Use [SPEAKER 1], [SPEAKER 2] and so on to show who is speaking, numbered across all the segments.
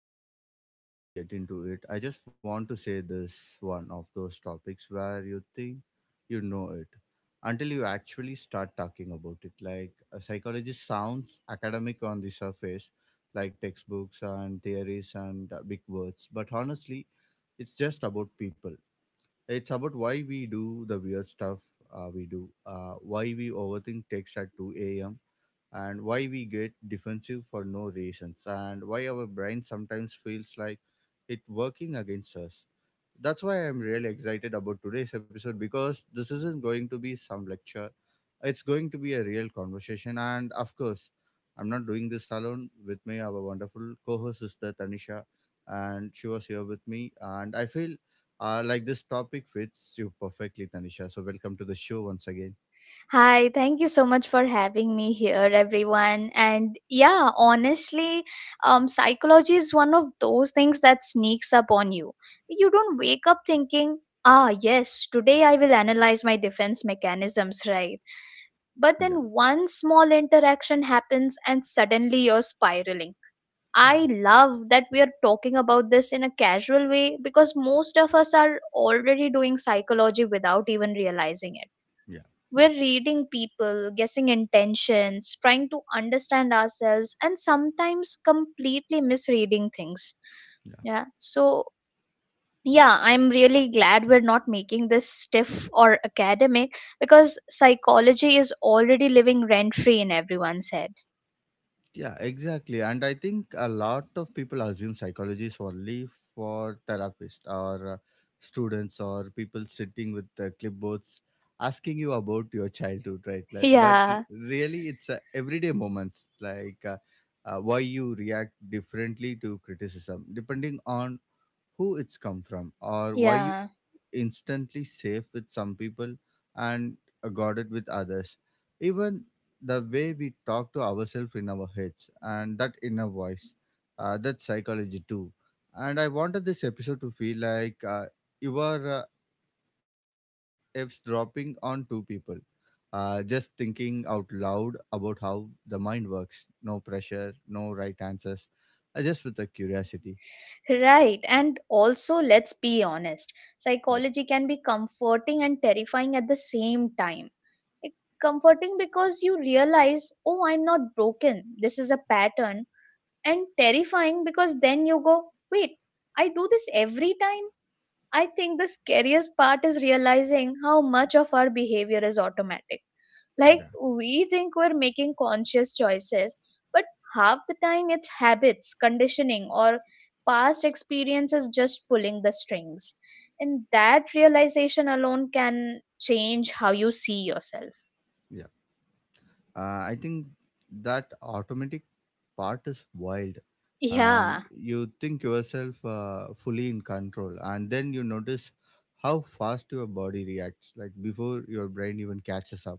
[SPEAKER 1] we even officially get into it, I just want to say this one of those topics where you think you know it until you actually start talking about it. Like a psychologist sounds academic on the surface, like textbooks and theories and big words, but honestly, it's just about people. It's about why we do the weird stuff we do, why we overthink texts at 2 a.m, and why we get defensive for no reasons, and why our brain sometimes feels like it working against us. That's why I'm really excited about today's episode, because this isn't going to be some lecture. It's going to be a real conversation. And of course, I'm not doing this alone. With me, our wonderful co-host sister Tanisha. And she was here with me, and I feel like this topic fits you perfectly, Tanisha. So welcome to the show once again.
[SPEAKER 2] Hi, thank you so much for having me here, everyone. And yeah, honestly, psychology is one of those things that sneaks up on you. You don't wake up thinking, ah, yes, today I will analyze my defense mechanisms, right?
[SPEAKER 1] Yeah,
[SPEAKER 2] But then one small interaction happens and suddenly you're spiraling.
[SPEAKER 1] yeah,
[SPEAKER 2] I love that we are talking about this in a casual way because most of us are already doing psychology without even realizing it.
[SPEAKER 1] yeah,
[SPEAKER 2] We're reading people, guessing intentions, trying to understand ourselves, and sometimes completely misreading things.
[SPEAKER 1] yeah.
[SPEAKER 2] Yeah. So, yeah, I'm really glad we're not making this stiff or academic because psychology is already living rent free in everyone's head.
[SPEAKER 1] Yeah, exactly. And I think a lot of people assume psychology is only for therapists or students, or people sitting with clipboards asking you about your childhood, right? Like, but
[SPEAKER 2] Yeah.
[SPEAKER 1] really, it's everyday moments like why you react differently to criticism, depending on who it's come from, or why you
[SPEAKER 2] Yeah.
[SPEAKER 1] instantly safe with some people and guarded with others, even the way we talk to ourselves in our heads, and that inner voice, that psychology too. And I wanted this episode to feel like you are eavesdropping on two people just thinking out loud about how the mind works. No pressure, no right answers, just with the curiosity.
[SPEAKER 2] Right. And also, let's be honest,
[SPEAKER 1] Yeah,
[SPEAKER 2] psychology can be comforting and terrifying at the same time. It comforting because you realize, oh, I'm not broken. This is a pattern. And terrifying because then you go, wait, I do this every time. I think the scariest part is realizing how much of our behavior is automatic. Like,
[SPEAKER 1] yeah,
[SPEAKER 2] we think we're making conscious choices, but half the time it's habits, conditioning, or past experiences just pulling the strings. And that realization alone can change how you see yourself.
[SPEAKER 1] yeah. I think that automatic part is wild.
[SPEAKER 2] Yeah.
[SPEAKER 1] And you think yourself fully in control, and then you notice how fast your body reacts, like before your brain even catches up.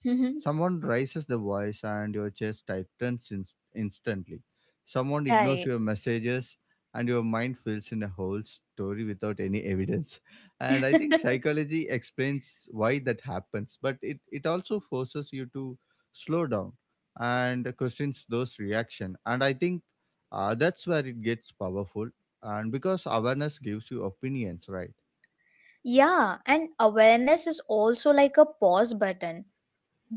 [SPEAKER 2] Mhm.
[SPEAKER 1] Someone raises the voice and your chest tightens instantly. Someone ignores
[SPEAKER 2] Right.
[SPEAKER 1] your messages and your mind fills in a whole story without any evidence. And I think psychology explains why that happens, but it also forces you to slow down and questions those reaction. And I think that's where it gets powerful. And because awareness gives you opinions, right?
[SPEAKER 2] Yeah, and awareness is also like a pause button.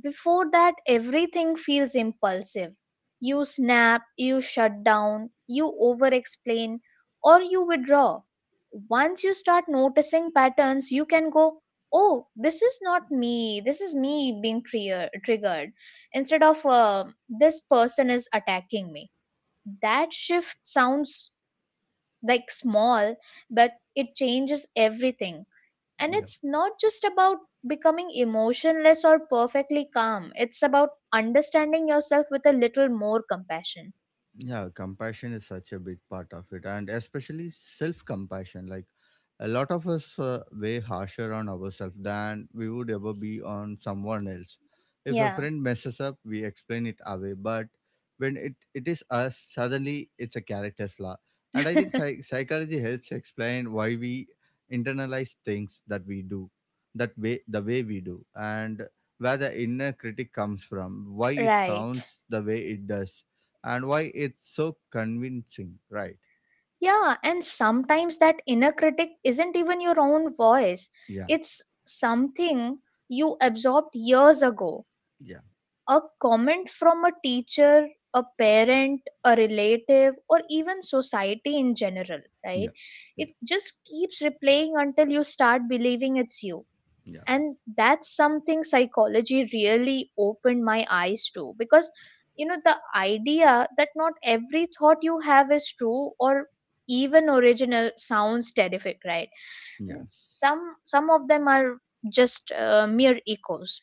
[SPEAKER 2] Before that, everything feels impulsive. You snap, you shut down, you over explain, or you withdraw. Once you start noticing patterns, you can go, oh, this is not me. This is me being triggered. Instead of, this person is attacking me. That shift sounds like small, but it changes everything. And
[SPEAKER 1] Yeah.
[SPEAKER 2] it's not just about becoming emotionless or perfectly calm, it's about understanding yourself with a little more compassion.
[SPEAKER 1] Yeah, compassion is such a big part of it, and especially self compassion. Like a lot of us way harsher on ourselves than we would ever be on someone else. If a
[SPEAKER 2] Yeah.
[SPEAKER 1] friend messes up we explain it away, but when it is us, suddenly it's a character flaw. And I think psychology helps explain why we internalize things that we do that way, the way we do, and where the inner critic comes from, why it
[SPEAKER 2] Right.
[SPEAKER 1] sounds the way it does, and why it's so convincing, right?
[SPEAKER 2] Yeah, and sometimes that inner critic isn't even your own voice,
[SPEAKER 1] Yeah,
[SPEAKER 2] it's something you absorbed years ago,
[SPEAKER 1] yeah,
[SPEAKER 2] a comment from a teacher, a parent, a relative, or even society in general,
[SPEAKER 1] yeah,
[SPEAKER 2] right? It just keeps replaying until you start believing it's you.
[SPEAKER 1] yeah,
[SPEAKER 2] And that's something psychology really opened my eyes to, because, you know, the idea that not every thought you have is true or even original sounds terrific, right?
[SPEAKER 1] yeah,
[SPEAKER 2] Some of them are just mere echoes.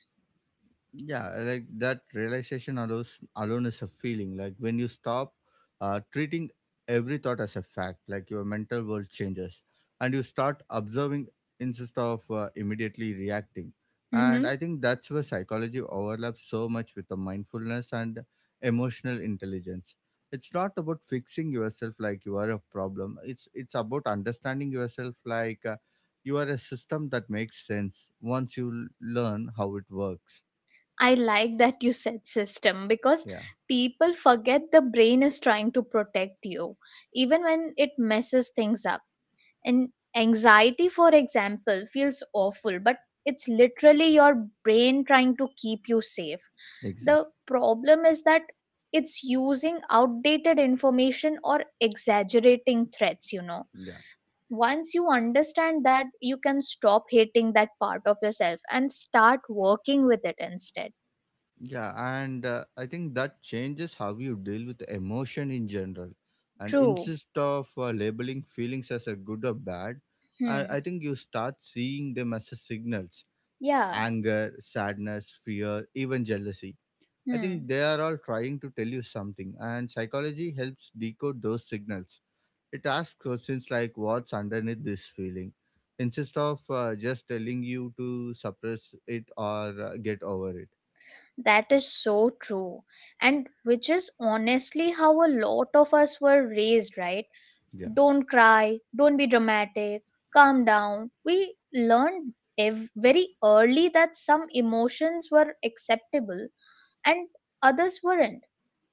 [SPEAKER 1] yeah. Like that realization alone is a feeling, like when you stop treating every thought as a fact. Like your mental world changes and you start observing instead of immediately reacting. And I
[SPEAKER 2] Mhm.
[SPEAKER 1] think that's where psychology overlaps so much with the mindfulness and emotional intelligence. It's not about fixing yourself like you are a problem, it's about understanding yourself, like you are a system that makes sense once you learn how it works.
[SPEAKER 2] I like that you said system because
[SPEAKER 1] Yeah.
[SPEAKER 2] people forget the brain is trying to protect you, even when it messes things up. And anxiety, for example, feels awful, but it's literally your brain trying to keep you safe.
[SPEAKER 1] Exactly.
[SPEAKER 2] The problem is that it's using outdated information or exaggerating threats, you know.
[SPEAKER 1] Yeah.
[SPEAKER 2] Once you understand that, you can stop hating that part of yourself and start working with it instead.
[SPEAKER 1] Yeah. And I think that changes how you deal with emotion in general. And
[SPEAKER 2] True.
[SPEAKER 1] instead of labeling feelings as a good or bad, I,
[SPEAKER 2] Hmm.
[SPEAKER 1] I think you start seeing them as a signals,
[SPEAKER 2] Yeah.
[SPEAKER 1] anger, sadness, fear, even jealousy. I
[SPEAKER 2] Hmm.
[SPEAKER 1] think they are all trying to tell you something. And psychology helps decode those signals. It asks questions like what's underneath this feeling, instead of just telling you to suppress it or get over it.
[SPEAKER 2] That is so true. And which is honestly how a lot of us were raised, right?
[SPEAKER 1] yeah,
[SPEAKER 2] Don't cry, don't be dramatic, calm down. We learned very early that some emotions were acceptable and others weren't.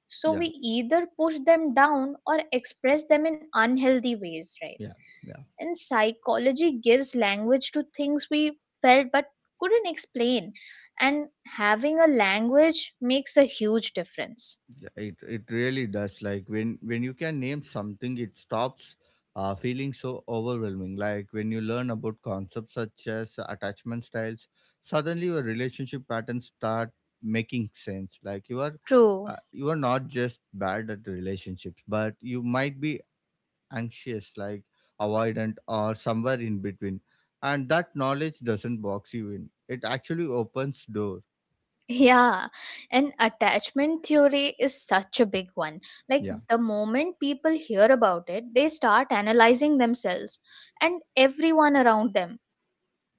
[SPEAKER 2] So we
[SPEAKER 1] yeah,
[SPEAKER 2] either push them down or express them in unhealthy ways, right?
[SPEAKER 1] yeah, yeah.
[SPEAKER 2] And psychology gives language to things we felt but couldn't explain. And having a language makes a huge difference.
[SPEAKER 1] Yeah, it really does. Like when you can name something it stops feeling so overwhelming. Like when you learn about concepts such as attachment styles, suddenly your relationship patterns start making sense, like you are
[SPEAKER 2] True.
[SPEAKER 1] not just bad at relationships, but you might be anxious, like avoidant or somewhere in between. And that knowledge doesn't box you in, it actually opens door.
[SPEAKER 2] Yeah, and attachment theory is such a big one. Like,
[SPEAKER 1] Yeah,
[SPEAKER 2] the moment people hear about it, they start analyzing themselves and everyone around them.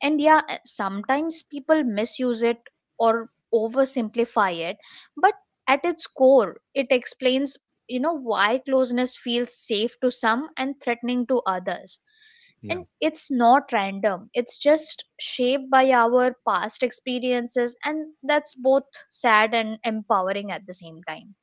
[SPEAKER 2] And yeah, sometimes people misuse it or oversimplify it, but at its core it explains, you know, why closeness feels safe to some and threatening to others.
[SPEAKER 1] yeah,
[SPEAKER 2] And it's not random, it's just shaped by our past experiences, and that's both sad and empowering at the same time.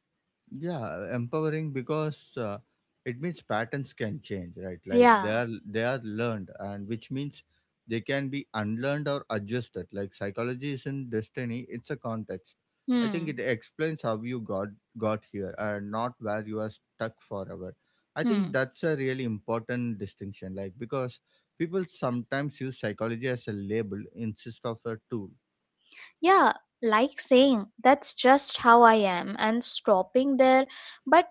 [SPEAKER 1] yeah, empowering because it means patterns can change, right? Like they
[SPEAKER 2] Yeah.
[SPEAKER 1] are they are learned, and which means they can be unlearned or adjusted. Like psychology isn't destiny, it's a context. I think
[SPEAKER 2] Hmm.
[SPEAKER 1] it explains how you got here, and not where you are stuck forever. I think
[SPEAKER 2] Hmm.
[SPEAKER 1] that's a really important distinction, like because people sometimes use psychology as a label instead of a tool.
[SPEAKER 2] Yeah, like saying that's just how I am and stopping there. But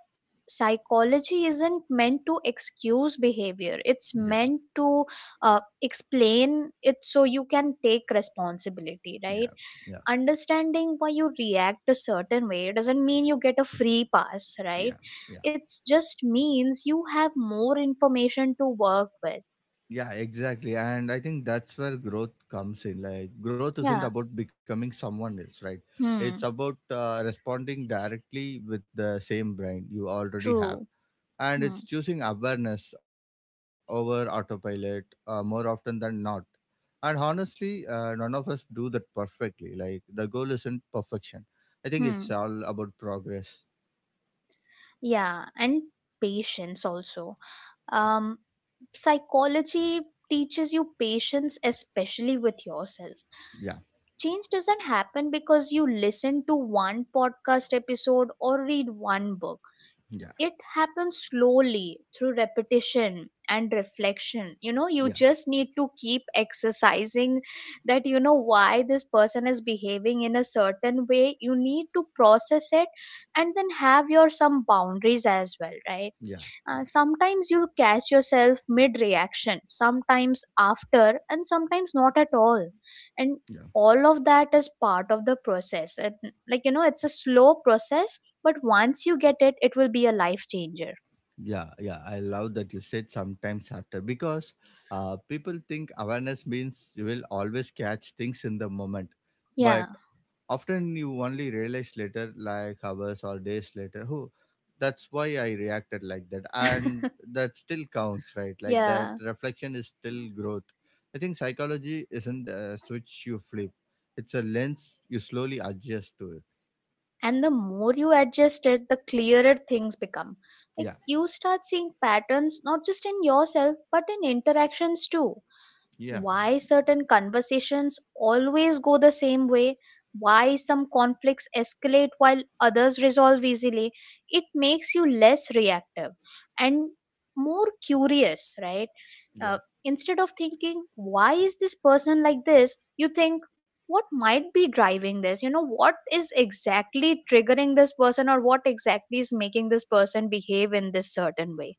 [SPEAKER 2] psychology isn't meant to excuse behavior, it's
[SPEAKER 1] Yeah,
[SPEAKER 2] meant to explain it so you can take responsibility, right?
[SPEAKER 1] yeah, yeah,
[SPEAKER 2] Understanding why you react a certain way doesn't mean you get a free pass, right?
[SPEAKER 1] yeah, yeah.
[SPEAKER 2] It's just means you have more information to work with.
[SPEAKER 1] Yeah, exactly. And I think that's where growth comes in. Like, growth isn't
[SPEAKER 2] Yeah.
[SPEAKER 1] about becoming someone else, right? It's
[SPEAKER 2] Hmm.
[SPEAKER 1] about responding directly with the same brain you already have.
[SPEAKER 2] True.
[SPEAKER 1] And
[SPEAKER 2] Hmm.
[SPEAKER 1] it's choosing awareness over autopilot more often than not. And honestly, none of us do that perfectly. Like, the goal isn't perfection. I think it's
[SPEAKER 2] Hmm.
[SPEAKER 1] all about progress.
[SPEAKER 2] Yeah, and patience also. Um, psychology teaches you patience, especially with yourself.
[SPEAKER 1] Yeah,
[SPEAKER 2] Change doesn't happen because you listen to one podcast episode or read one book.
[SPEAKER 1] yeah,
[SPEAKER 2] It happens slowly through repetition and reflection. You know, you
[SPEAKER 1] yeah,
[SPEAKER 2] just need to keep exercising that you know why this person is behaving in a certain way. You need to process it and then have your some boundaries as well, right?
[SPEAKER 1] yeah, yeah,
[SPEAKER 2] Sometimes you'll catch yourself mid reaction, sometimes after, and sometimes not at all. And
[SPEAKER 1] yeah.
[SPEAKER 2] all of that is part of the process. It, like, you know, it's a slow process, but once you get it, it will be a life changer.
[SPEAKER 1] Yeah, yeah, I love that you said sometimes after, because people think awareness means you will always catch things in the moment, but
[SPEAKER 2] Yeah,
[SPEAKER 1] often you only realize later, like hours or days later, oh, that's why I reacted like that, and that still counts, right? Like that
[SPEAKER 2] yeah.
[SPEAKER 1] reflection is still growth. I think psychology isn't a switch you flip, it's a lens you slowly adjust to it.
[SPEAKER 2] And the more you adjust it, the clearer things become. Like,
[SPEAKER 1] Yeah,
[SPEAKER 2] you start seeing patterns not just in yourself, but in interactions too.
[SPEAKER 1] yeah,
[SPEAKER 2] Why certain conversations always go the same way, why some conflicts escalate while others resolve easily, it makes you less reactive and more curious, right?
[SPEAKER 1] yeah.
[SPEAKER 2] Uh, instead of thinking, why is this person like this, you think, what might be driving this? You know, what is exactly triggering this person, or what exactly is making this person behave in this certain way?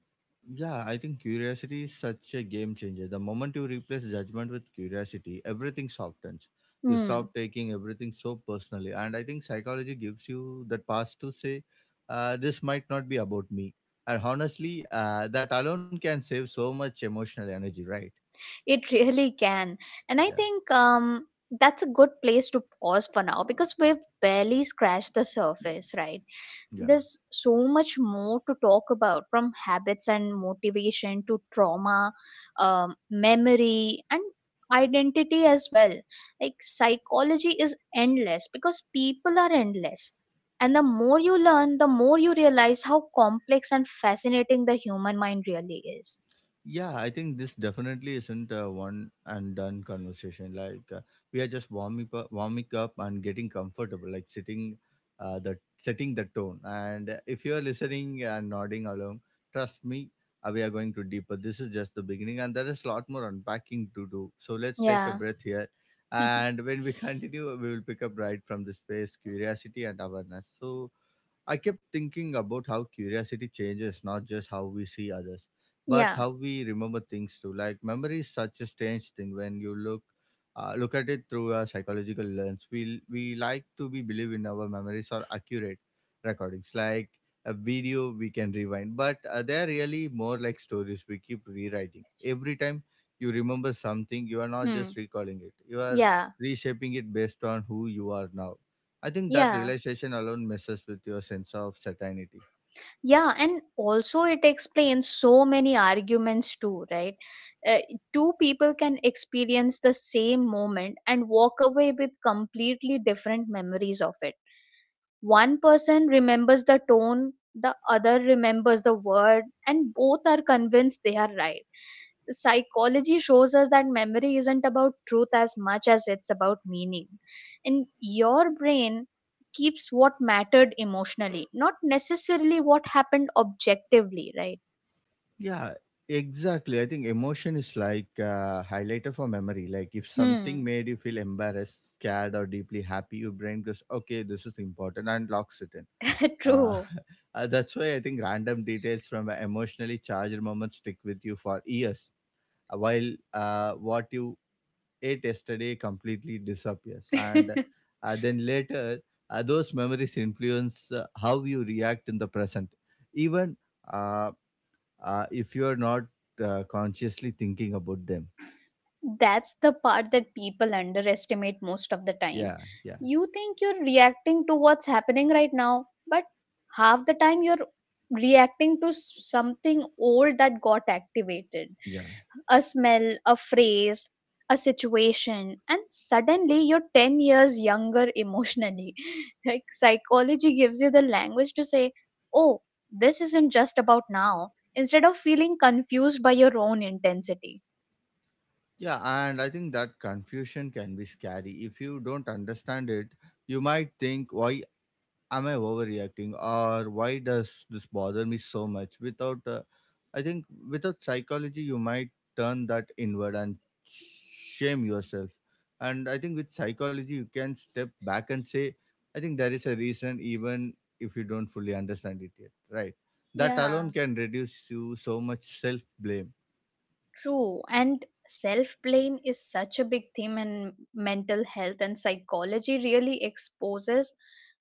[SPEAKER 1] Yeah, I think curiosity is such a game changer. The moment you replace judgment with curiosity, everything softens. You
[SPEAKER 2] Hmm.
[SPEAKER 1] stop taking everything so personally. And I think psychology gives you that pass to say, this might not be about me. And honestly, that alone can save so much emotional energy, right?
[SPEAKER 2] It really can. And I
[SPEAKER 1] Yeah.
[SPEAKER 2] think that's a good place to pause for now because we've barely scratched the surface, right?
[SPEAKER 1] Yeah.
[SPEAKER 2] There's so much more to talk about, from habits and motivation to trauma, memory, and identity as well. Like, psychology is endless because people are endless. And the more you learn, the more you realize how complex and fascinating the human mind really is.
[SPEAKER 1] Yeah, I think this definitely isn't a one and done conversation. Like we are just warming up and getting comfortable, like sitting, the setting the tone. And if you are listening and nodding along, trust me, we are going to deeper. This is just the beginning, and there is a lot more unpacking to do. So let's take a
[SPEAKER 2] Yeah.
[SPEAKER 1] breath here, and when we continue, we will pick up right from the space, curiosity, and awareness. So I kept thinking about how curiosity changes not just how we see others, but
[SPEAKER 2] Yeah.
[SPEAKER 1] how we remember things too. Like memory is such a strange thing when you look at it through a psychological lens. We like to be believe in our memories are accurate recordings, like a video we can rewind, but they are really more like stories we keep rewriting. Every time you remember something, you are not
[SPEAKER 2] Hmm.
[SPEAKER 1] just recalling it; you are
[SPEAKER 2] Yeah,
[SPEAKER 1] reshaping it based on who you are now. I think that
[SPEAKER 2] yeah,
[SPEAKER 1] realization alone messes with your sense of certainty.
[SPEAKER 2] yeah, and also it explains so many arguments too, right? Uh, two people can experience the same moment and walk away with completely different memories of it. One person remembers the tone, the other remembers the word, and both are convinced they are right. Psychology shows us that memory isn't about truth as much as it's about meaning. And your brain keeps what mattered emotionally, not necessarily what happened objectively, right?
[SPEAKER 1] Yeah, exactly. I think emotion is like a highlighter for memory. Like if something
[SPEAKER 2] Hmm.
[SPEAKER 1] made you feel embarrassed, scared, or deeply happy, your brain goes, okay, this is important, and locks it in. Uh,
[SPEAKER 2] True.
[SPEAKER 1] that's why I think random details from a emotionally charged moments stick with you for years. While what you ate yesterday completely disappears. And then later, those memories influence how you react in the present, even uh, if you are not consciously thinking about them.
[SPEAKER 2] That's the part that people underestimate most of the time.
[SPEAKER 1] Yeah, yeah,
[SPEAKER 2] You think you're reacting to what's happening right now, but half the time you're reacting to something old that got activated,
[SPEAKER 1] yeah.
[SPEAKER 2] a smell, a phrase, a situation, and suddenly you're 10 years younger emotionally. Like, psychology gives you the language to say, oh, this isn't just about now, instead of feeling confused by your own intensity.
[SPEAKER 1] Yeah, and I think that confusion can be scary. If you don't understand it, you might think, why am I overreacting, or why does this bother me so much without I think without psychology you might turn that inward and shame yourself. And I think with psychology you can step back and say I think there is a reason, even if you don't fully understand it yet, right? That alone
[SPEAKER 2] Yeah.
[SPEAKER 1] can reduce you so much self blame.
[SPEAKER 2] True, and self blame is such a big theme in mental health, and psychology really exposes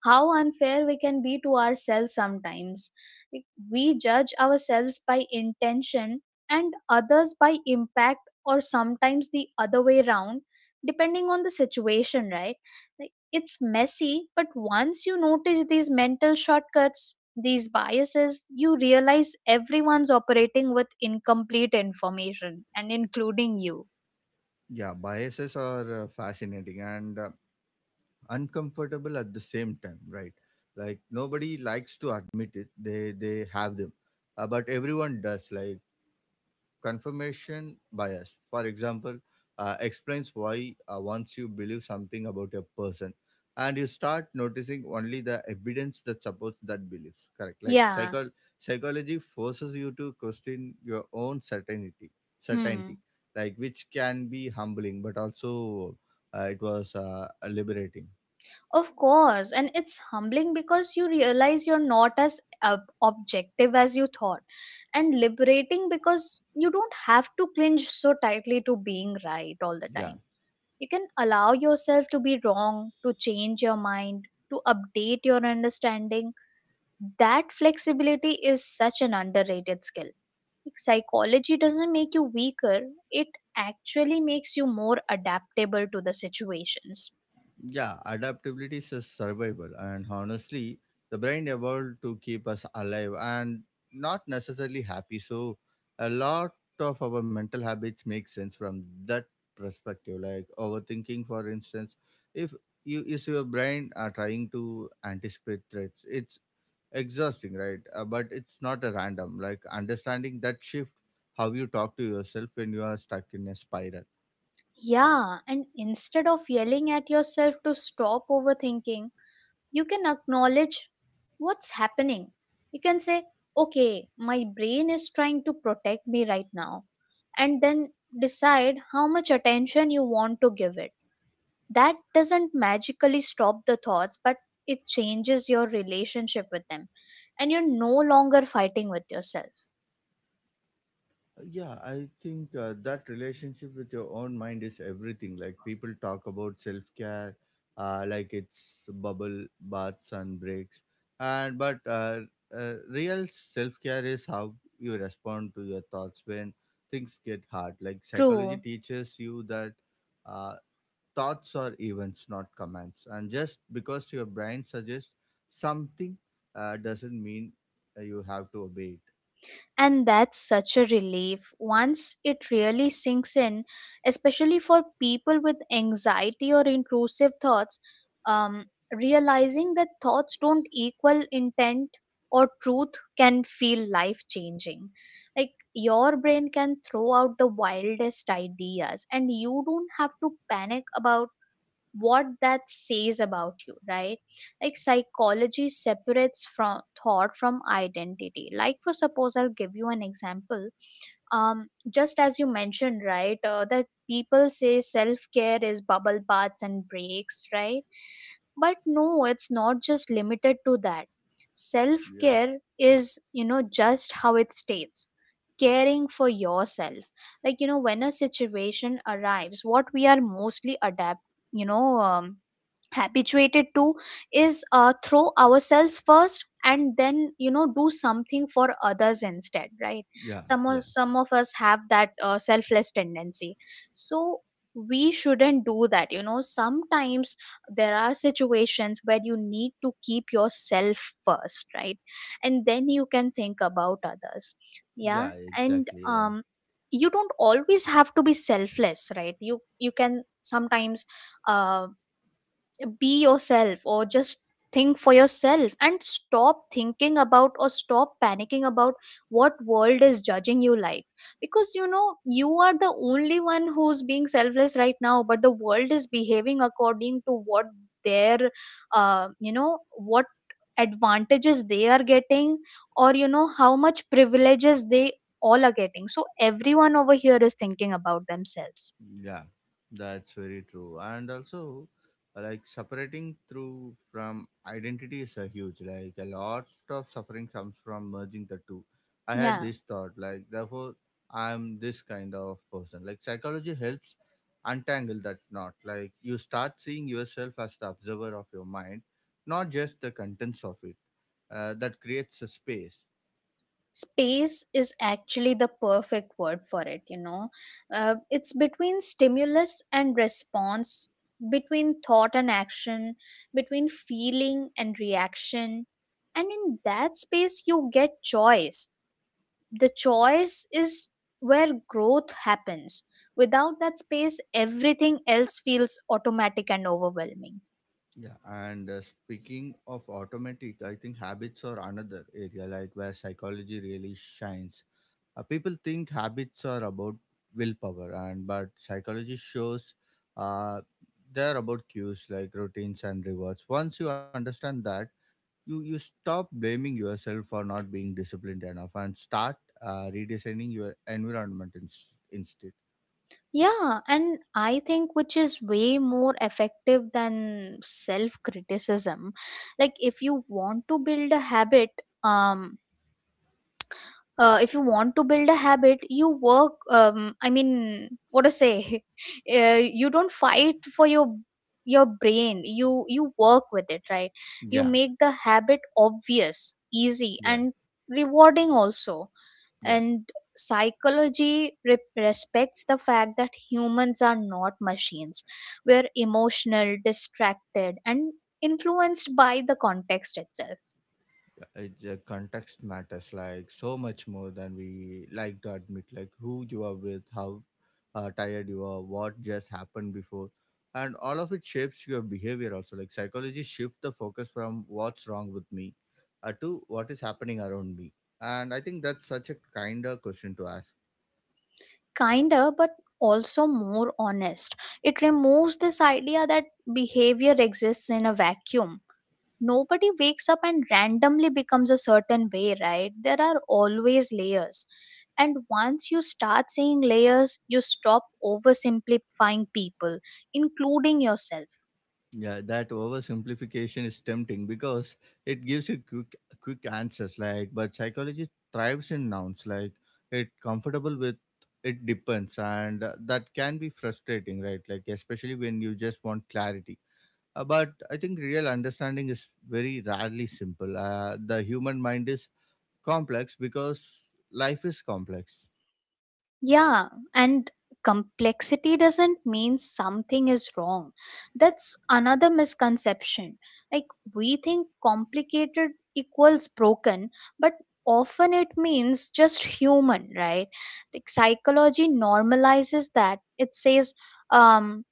[SPEAKER 2] how unfair we can be to ourselves sometimes. Like, we judge ourselves by intention and others by impact, or sometimes the other way around, depending on the situation, right? Like, it's messy, but once you notice these mental shortcuts, these biases, you realize everyone's operating with incomplete information, and including you.
[SPEAKER 1] Yeah, biases are fascinating and uncomfortable at the same time, right? Like nobody likes to admit it they have them. But everyone does, like confirmation bias for example explains why once you believe something about a person and you start noticing only the evidence that supports that belief, correct, like
[SPEAKER 2] Yeah.
[SPEAKER 1] psychology forces you to question your own certainty
[SPEAKER 2] Hmm.
[SPEAKER 1] certainty like which can be humbling but also it was liberating.
[SPEAKER 2] Of course. And it's humbling because you realize you're not as objective as you thought, and liberating because you don't have to clinch so tightly to being right all the
[SPEAKER 1] Yeah.
[SPEAKER 2] time. You can allow yourself to be wrong, to change your mind, to update your understanding. That flexibility is such an underrated skill. Like, psychology doesn't make you weaker, it actually makes you more adaptable to the situations.
[SPEAKER 1] Yeah, adaptability is a survival, and honestly, the brain evolved to keep us alive and not necessarily happy. So, a lot of our mental habits make sense from that perspective. Like overthinking, for instance, if you is your brain are trying to anticipate threats, it's exhausting, right? But it's not a random. Like understanding that shift, how you talk to yourself when you are stuck in a spiral.
[SPEAKER 2] Yeah, and instead of yelling at yourself to stop overthinking, you can acknowledge what's happening. You can say, okay, my brain is trying to protect me right now, and then decide how much attention you want to give it. That doesn't magically stop the thoughts, but it changes your relationship with them, and you're no longer fighting with yourself.
[SPEAKER 1] Yeah, I think that relationship with your own mind is everything. Like people talk about self care, like it's bubble baths and breaks, and but real self care is how you respond to your thoughts when things get hard. Like psychology
[SPEAKER 2] True.
[SPEAKER 1] teaches you that uh, thoughts are events, not commands, and just because your brain suggests something doesn't mean you have to obey
[SPEAKER 2] And that's such a relief once it really sinks in, especially for people with anxiety or intrusive thoughts. Um, realizing that thoughts don't equal intent or truth can feel life changing. Like your brain can throw out the wildest ideas, and you don't have to panic about what that says about you, right? Like psychology separates from thought from identity. Like for suppose I'll give you an example. Just as you mentioned, right? That people say self care is bubble baths and breaks, right? But no, it's not just limited to that. Self
[SPEAKER 1] it. Yeah.
[SPEAKER 2] care is, you know, just how it states, caring for yourself. Like you know, when a situation arrives, what we are mostly adapt, you know um, habituated to is throw ourselves first and then, you know, do something for others instead, right?
[SPEAKER 1] Yeah,
[SPEAKER 2] some of
[SPEAKER 1] yeah.
[SPEAKER 2] some of us have that selfless tendency, so we shouldn't do that, you know. Sometimes there are situations where you need to keep yourself first, right? And then you can think about others. Yeah.
[SPEAKER 1] Yeah,
[SPEAKER 2] and
[SPEAKER 1] exactly. And
[SPEAKER 2] um you don't always have to be selfless, right? You can sometimes uh, be yourself or just think for yourself and stop thinking about or stop panicking about what world is judging you. Like because you know, you are the only one who's being selfless right now, but the world is behaving according to what their you know what advantages they are getting or, you know, how much privileges they all are getting. So everyone over here is thinking about themselves.
[SPEAKER 1] yeah, that's very true. And also, like separating through from identity is a huge, like a lot of suffering comes from merging the two. I had
[SPEAKER 2] Yeah.
[SPEAKER 1] this thought, like, therefore, I'm this kind of person. Like, psychology helps untangle that knot. Like, you start seeing yourself as the observer of your mind, not just the contents of it. That creates a space.
[SPEAKER 2] Space is actually the perfect word for it, you know. It's between stimulus and response, between thought and action, between feeling and reaction. And in that space you get choice. The choice is where growth happens. Without that space, everything else feels automatic and overwhelming.
[SPEAKER 1] Yeah, and speaking of automatic, I think habits are another area like where psychology really shines. People think habits are about willpower, and but psychology shows uh, they're about cues like routines and rewards. Once you understand that, you stop blaming yourself for not being disciplined enough and start redesigning your environment in, instead.
[SPEAKER 2] Yeah, and I think which is way more effective than self criticism. Like if you want to build a habit, um if you want to build a habit, you work. I mean, what to say? You don't fight for your brain. You work with it, right? You
[SPEAKER 1] Yeah,
[SPEAKER 2] make the habit obvious, easy,
[SPEAKER 1] yeah,
[SPEAKER 2] and rewarding also.
[SPEAKER 1] yeah.
[SPEAKER 2] And psychology respects the fact that humans are not machines. We're emotional, distracted, and influenced by the context itself.
[SPEAKER 1] It, the context matters like so much more than we like to admit, like who you are with, how tired you are, what just happened before, and all of it shapes your behavior. Also, like, psychology shift the focus from what's wrong with me to what is happening around me, and I think that's such a kinder question to ask.
[SPEAKER 2] Kinder but also more honest. It removes this idea that behavior exists in a vacuum. Nobody wakes up and randomly becomes a certain way, right? There are always layers. And once you start seeing layers, you stop oversimplifying people, including yourself.
[SPEAKER 1] Yeah, that oversimplification is tempting because it gives you quick quick answers. Like, but psychology thrives in nouns, like it comfortable with it depends, and that can be frustrating, right? Like, especially when you just want clarity. But I think real understanding is very rarely simple. The human mind is complex because life is complex.
[SPEAKER 2] Yeah, and complexity doesn't mean something is wrong. That's another misconception. Like, we think complicated equals broken, but often it means just human, right? Like, psychology normalizes that. It says, um,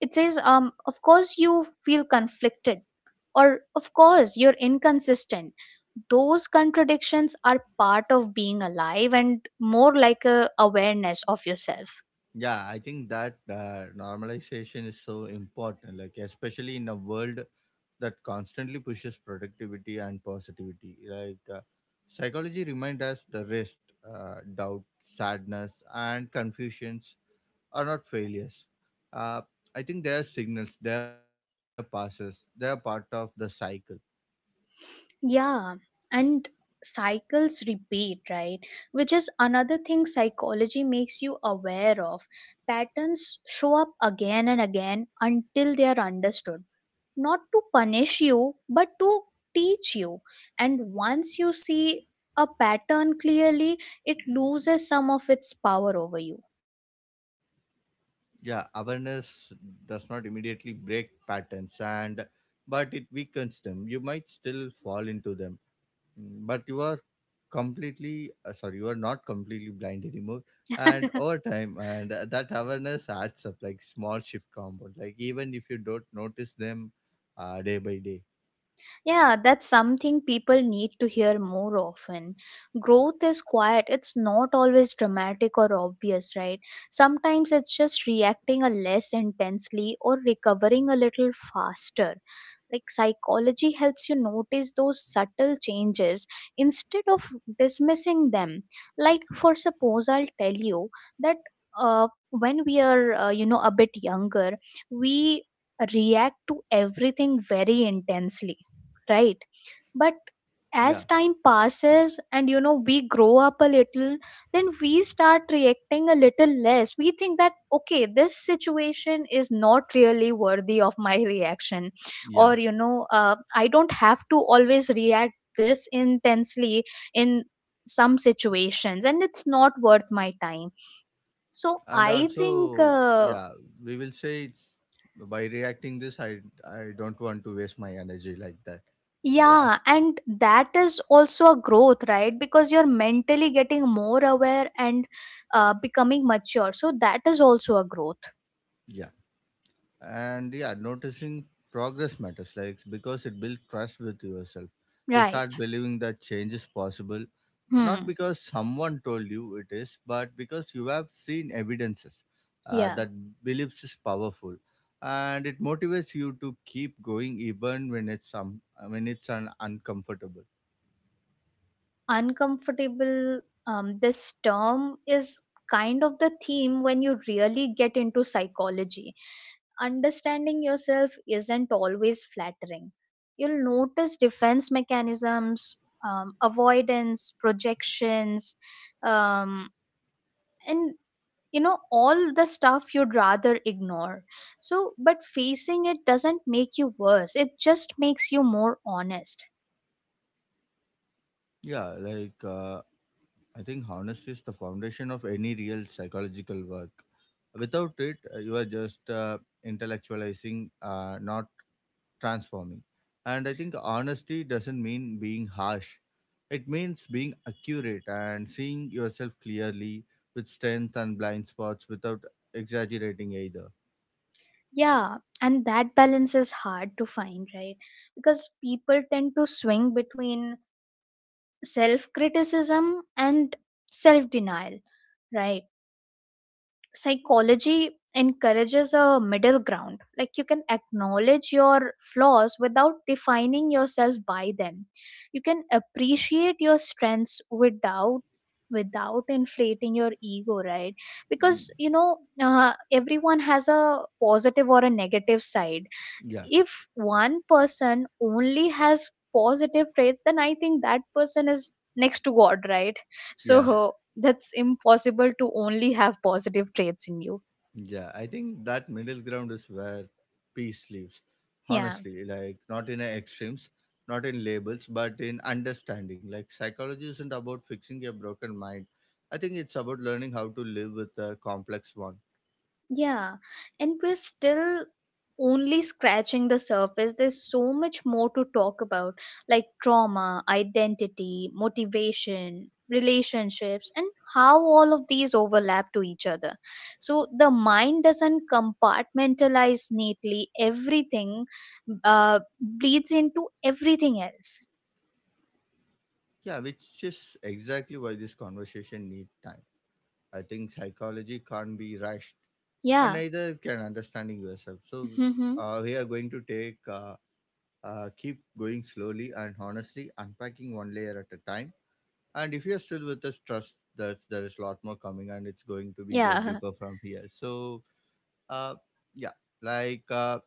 [SPEAKER 2] of course you feel conflicted, or of course you're inconsistent. Those contradictions are part of being alive and more like a awareness of yourself.
[SPEAKER 1] Yeah, I think that normalization is so important, like especially in a world that constantly pushes productivity and positivity. Like psychology reminds us the rest, doubt, sadness, and confusions are not failures. Uh, I think they are signals, they are passes, they are part of the cycle.
[SPEAKER 2] Yeah, and cycles repeat, right? Which is another thing psychology makes you aware of. Patterns show up again and again until they are understood. Not to punish you, but to teach you. And once you see a pattern clearly, it loses some of its power over you.
[SPEAKER 1] Yeah, awareness does not immediately break patterns, and but it weakens them. You might still fall into them. Mm, but you are completely sorry, you are not completely blind anymore, and over time and that awareness adds up, like small shift compound, like even if you don't notice them day by day.
[SPEAKER 2] Yeah, that's something people need to hear more often. Growth is quiet, it's not always dramatic or obvious, right? Sometimes it's just reacting a less intensely or recovering a little faster. Like psychology helps you notice those subtle changes instead of dismissing them. Like, for suppose I'll tell you that when we are, you know, a bit younger, we react to everything very intensely, right? But
[SPEAKER 1] Yeah,
[SPEAKER 2] as time passes and you know, we grow up a little, then we start reacting a little less. We think that okay, this situation is not really worthy of my reaction,
[SPEAKER 1] yeah,
[SPEAKER 2] or you know, I don't have to always react this intensely in some situations and it's not worth my time. So
[SPEAKER 1] and
[SPEAKER 2] I
[SPEAKER 1] also
[SPEAKER 2] think
[SPEAKER 1] yeah, we will say it's by reacting this, I don't want to waste my energy like that. Yeah.
[SPEAKER 2] yeah, and that is also a growth, right? Because you're mentally getting more aware and becoming mature. So that is also a growth.
[SPEAKER 1] Yeah, and yeah, noticing progress matters, like because it builds trust with yourself. You
[SPEAKER 2] Right.
[SPEAKER 1] start believing that change is possible, not
[SPEAKER 2] Hmm.
[SPEAKER 1] because someone told you it is but because you have seen evidences
[SPEAKER 2] Yeah.
[SPEAKER 1] that beliefs is powerful, and it motivates you to keep going even when it's some when it's an uncomfortable.
[SPEAKER 2] Uncomfortable. This term is kind of the theme when you really get into psychology. Understanding yourself isn't always flattering. You'll notice defense mechanisms, avoidance, projections, um, and you know, all the stuff you'd rather ignore. So but facing it doesn't make you worse, it just makes you more honest.
[SPEAKER 1] Yeah, like I think honesty is the foundation of any real psychological work. Without it, you are just intellectualizing, not transforming. And I think honesty doesn't mean being harsh, it means being accurate and seeing yourself clearly with strength and blind spots without exaggerating either.
[SPEAKER 2] Yeah, and that balance is hard to find, right? Because people tend to swing between self criticism and self denial, right? Psychology encourages a middle ground. Like you can acknowledge your flaws without defining yourself by them. You can appreciate your strengths without inflating your ego, right? Because you know, everyone has a positive or a negative side.
[SPEAKER 1] Yeah.
[SPEAKER 2] If one person only has positive traits, then I think that person is next to god, right?
[SPEAKER 1] Yeah.
[SPEAKER 2] So that's impossible to only have positive traits in you.
[SPEAKER 1] Yeah, I think that middle ground is where peace lives.
[SPEAKER 2] Yeah.
[SPEAKER 1] Honestly, like not in extremes, not in labels, but in understanding. Like psychology isn't about fixing a broken mind. I think it's about learning how to live with a complex one.
[SPEAKER 2] Yeah, and we're still only scratching the surface. There's so much more to talk about, like trauma, identity, motivation, relationships, and how all of these overlap to each other. So the mind doesn't compartmentalize neatly, everything bleeds into everything else.
[SPEAKER 1] Yeah, which is exactly why this conversation needs time. I think psychology can't be rushed, and
[SPEAKER 2] Yeah.
[SPEAKER 1] neither can understanding yourself. So
[SPEAKER 2] Hmm.
[SPEAKER 1] we are going to take keep going slowly and honestly, unpacking one layer at a time, and if you're still with us, trust that there is a lot more coming and it's going to be get
[SPEAKER 2] Yeah.
[SPEAKER 1] deeper from here. So uh yeah, like uh,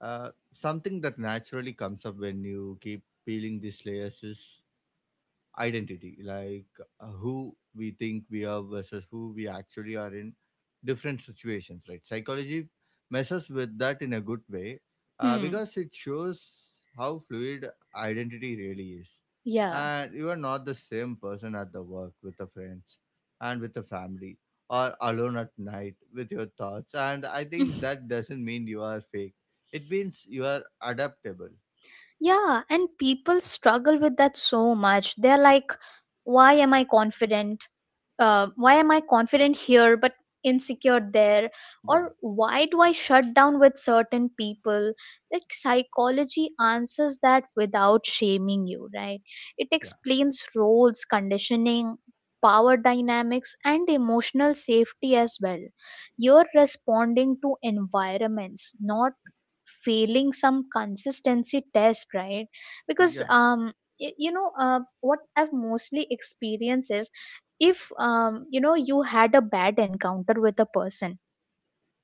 [SPEAKER 1] uh something that naturally comes up when you keep peeling these layers is identity, like who we think we are versus who we actually are in different situations, right? Psychology messes with that in a good way
[SPEAKER 2] Hmm.
[SPEAKER 1] because it shows how fluid identity really is.
[SPEAKER 2] Yeah.
[SPEAKER 1] And you are not the same person at the work, with the friends, and with the family, or alone at night with your thoughts. And I think that doesn't mean you are fake, it means you are adaptable.
[SPEAKER 2] Yeah, and people struggle with that so much. They're like, why am I confident? Why am I confident here but insecure there?
[SPEAKER 1] Yeah,
[SPEAKER 2] Or why do I shut down with certain people? Like, psychology answers that without shaming you, right? It
[SPEAKER 1] yeah,
[SPEAKER 2] explains roles, conditioning, power dynamics, and emotional safety as well. You're responding to environments, not failing some consistency test, right? because
[SPEAKER 1] yeah,
[SPEAKER 2] um y- you know, what I've mostly experienced is if you know, you had a bad encounter with a person,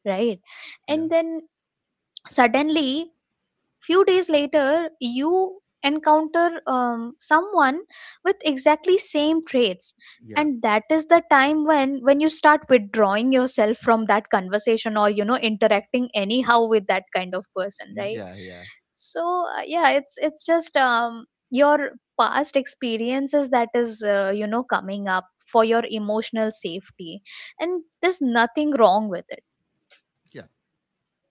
[SPEAKER 2] right?
[SPEAKER 1] yeah,
[SPEAKER 2] And then suddenly few days later, you encounter someone with exactly same traits.
[SPEAKER 1] yeah.
[SPEAKER 2] And that is the time when you start withdrawing yourself from that conversation or, you know, interacting anyhow with that kind of person, right?
[SPEAKER 1] Yeah, yeah.
[SPEAKER 2] So yeah, it's just your past experiences that is you know, coming up for your emotional safety, and there's nothing wrong with it.
[SPEAKER 1] Yeah,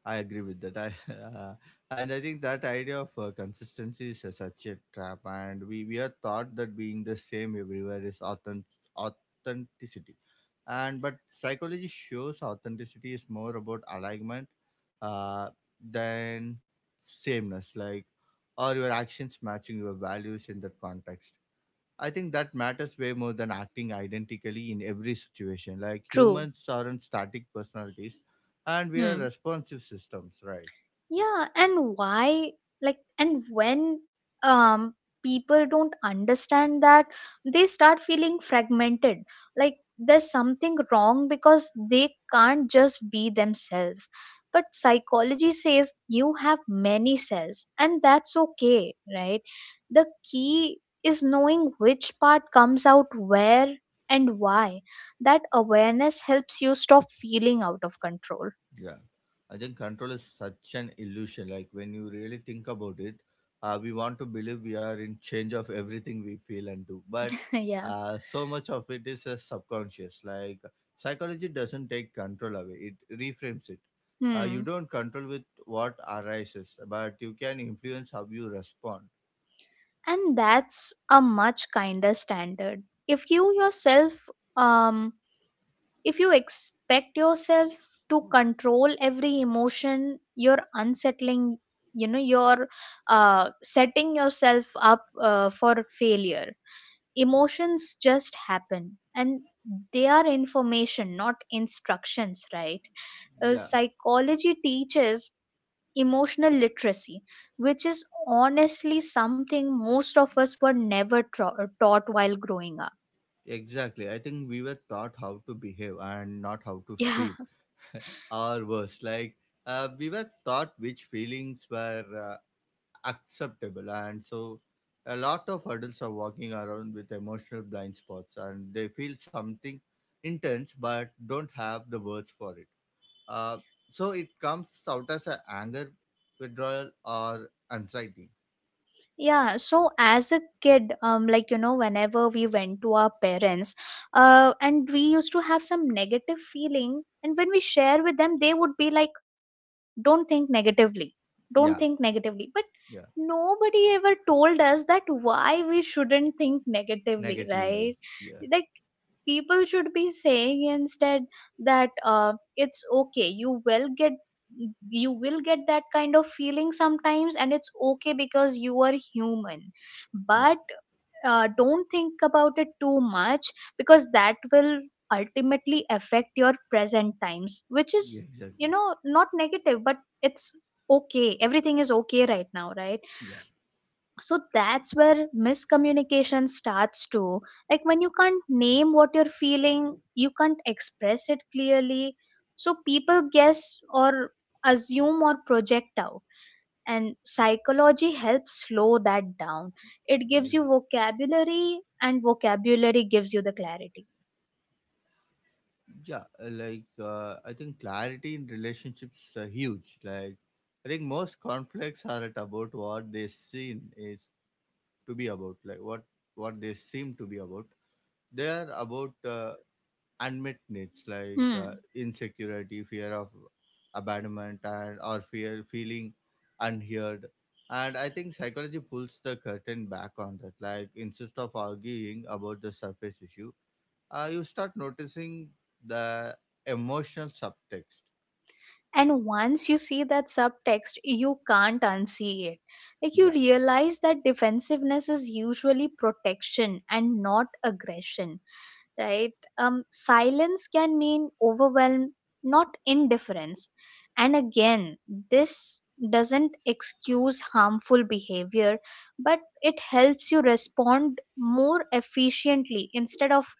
[SPEAKER 1] I agree with that. I and I think that idea of consistency is such a trap, and we are taught that being the same everywhere is authenticity, and but psychology shows authenticity is more about alignment uh, than sameness, like are your actions matching your values in that context. I think that matters way more than acting identically in every situation. Like
[SPEAKER 2] True.
[SPEAKER 1] humans aren't static personalities, and we are
[SPEAKER 2] Hmm.
[SPEAKER 1] responsive systems, right?
[SPEAKER 2] Yeah, and why like and when um people don't understand that, they start feeling fragmented. Like there's something wrong because they can't just be themselves. But psychology says you have many cells and that's okay, right? The key is knowing which part comes out where and why. That awareness helps you stop feeling out of control.
[SPEAKER 1] Yeah. I think control is such an illusion. Like when you really think about it, we want to believe we are in change of everything we feel and do. But
[SPEAKER 2] Yeah.
[SPEAKER 1] so much of it is subconscious. Like psychology doesn't take control away, it reframes it. You
[SPEAKER 2] Hmm.
[SPEAKER 1] don't control with what arises, but you can influence how you respond.
[SPEAKER 2] And that's a much kinder standard. If you yourself um if you expect yourself to control every emotion, you're unsettling. You know, you're setting yourself up for failure. Emotions just happen and they are information, not instructions, right?
[SPEAKER 1] Yeah.
[SPEAKER 2] Psychology teaches emotional literacy, which is honestly something most of us were never taught while growing up.
[SPEAKER 1] Exactly. I think we were taught how to behave and not how to
[SPEAKER 2] Yeah.
[SPEAKER 1] feel, or worse, like we were taught which feelings were acceptable. And so, a lot of adults are walking around with emotional blind spots and they feel something intense but don't have the words for it. Uh, so, it comes out as a anger, withdrawal, or anxiety.
[SPEAKER 2] Yeah, so as a kid, like you know, whenever we went to our parents, and we used to have some negative feeling, and when we share with them, they would be like, don't think negatively don't
[SPEAKER 1] Yeah,
[SPEAKER 2] think negatively but
[SPEAKER 1] yeah,
[SPEAKER 2] nobody ever told us that why we shouldn't think negatively, right?
[SPEAKER 1] negatively. Yeah,
[SPEAKER 2] Like people should be saying instead that it's okay, you will get that kind of feeling sometimes, and it's okay because you are human.
[SPEAKER 1] yeah,
[SPEAKER 2] But don't think about it too much, because that will ultimately affect your present times, which
[SPEAKER 1] yeah,
[SPEAKER 2] is you
[SPEAKER 1] exactly.
[SPEAKER 2] know, not negative, but it's okay, everything is okay right now, right?
[SPEAKER 1] Yeah,
[SPEAKER 2] So that's where miscommunication starts to, like when you can't name what you're feeling, you can't express it clearly. So people guess or assume or project out, and psychology helps slow that down. It gives
[SPEAKER 1] yeah.
[SPEAKER 2] you vocabulary, and vocabulary gives you the clarity.
[SPEAKER 1] Yeah, like I think clarity in relationships are huge, like I think most conflicts are at about what they seem is to be about, like what they seem to be about, they are about unmet needs, like
[SPEAKER 2] Hmm.
[SPEAKER 1] insecurity, fear of abandonment, and or fear feeling unheard. And I think psychology pulls the curtain back on that, like instead of arguing about the surface issue, you start noticing the emotional subtext.
[SPEAKER 2] And once you see that subtext, you can't unsee it. Like you
[SPEAKER 1] Yeah.
[SPEAKER 2] realize that defensiveness is usually protection and not aggression, right? Silence can mean overwhelm, not indifference. And again, this doesn't excuse harmful behavior, but it helps you respond more efficiently instead of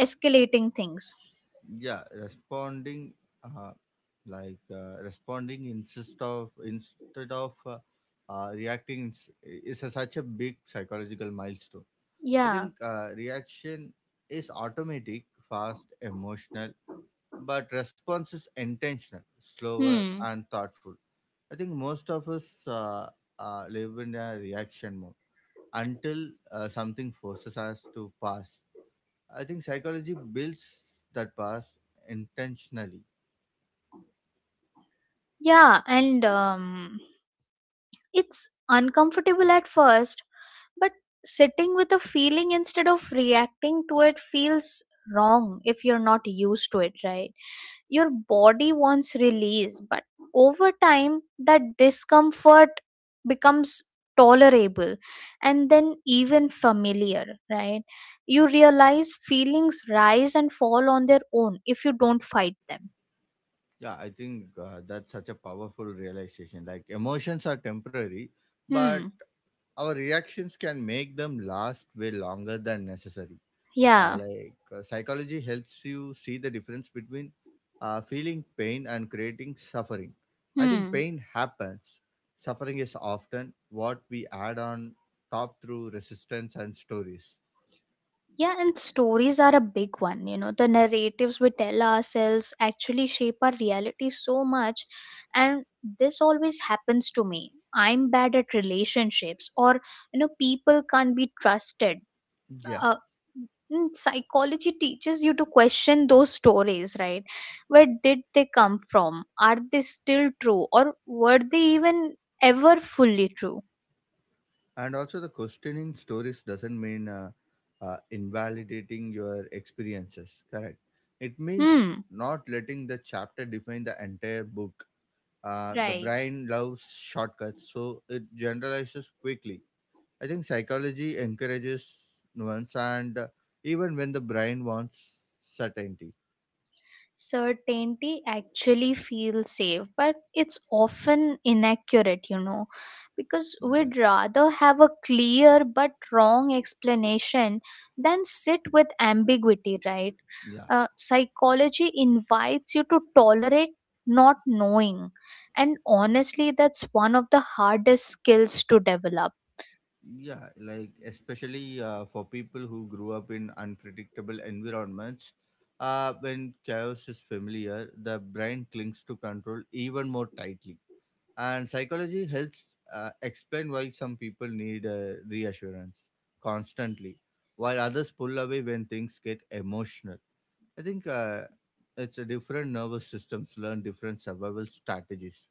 [SPEAKER 2] escalating things.
[SPEAKER 1] Yeah, responding uh, like responding instead of reacting is a, such a big psychological milestone. I
[SPEAKER 2] Yeah.
[SPEAKER 1] think reaction is automatic, fast, emotional, but response is intentional, slower,
[SPEAKER 2] Hmm.
[SPEAKER 1] and thoughtful. I think most of us uh, live in a reaction mode until something forces us to pass. I think psychology builds that pass intentionally.
[SPEAKER 2] Yeah, and it's uncomfortable at first, but sitting with a feeling instead of reacting to it feels wrong if you're not used to it, right? Your body wants release, but over time, that discomfort becomes tolerable, and then even familiar, right? You realize feelings rise and fall on their own if you don't fight them.
[SPEAKER 1] Yeah, I think that's such a powerful realization. Like emotions are temporary, but
[SPEAKER 2] Hmm.
[SPEAKER 1] our reactions can make them last way longer than necessary.
[SPEAKER 2] Yeah.
[SPEAKER 1] Like psychology helps you see the difference between feeling pain and creating suffering. I think
[SPEAKER 2] Hmm.
[SPEAKER 1] pain happens, suffering is often what we add on top through resistance and stories.
[SPEAKER 2] Yeah, and stories are a big one. You know, the narratives we tell ourselves actually shape our reality so much. And this always happens to me. I'm bad at relationships, or, you know, people can't be trusted.
[SPEAKER 1] Yeah,
[SPEAKER 2] Uh, Psychology teaches you to question those stories, right? Where did they come from? Are they still true? Or were they even ever fully true?
[SPEAKER 1] and also, the questioning stories doesn't mean invalidating your experiences, correct, it means
[SPEAKER 2] Hmm.
[SPEAKER 1] not letting the chapter define the entire book. The
[SPEAKER 2] Right.
[SPEAKER 1] brain loves shortcuts so it generalizes quickly. I think psychology encourages nuance, and even when the brain wants certainty.
[SPEAKER 2] Certainty actually feels safe, but it's often inaccurate, you know, because
[SPEAKER 1] Yeah.
[SPEAKER 2] we'd rather have a clear but wrong explanation than sit with ambiguity, right?
[SPEAKER 1] Yeah,
[SPEAKER 2] Psychology invites you to tolerate not knowing, and honestly, that's one of the hardest skills to develop.
[SPEAKER 1] yeah, like especially for people who grew up in unpredictable environments, when chaos is familiar, the brain clings to control even more tightly. And psychology helps explain why some people need reassurance constantly, while others pull away when things get emotional. I think it's a different nervous systems learn different survival strategies.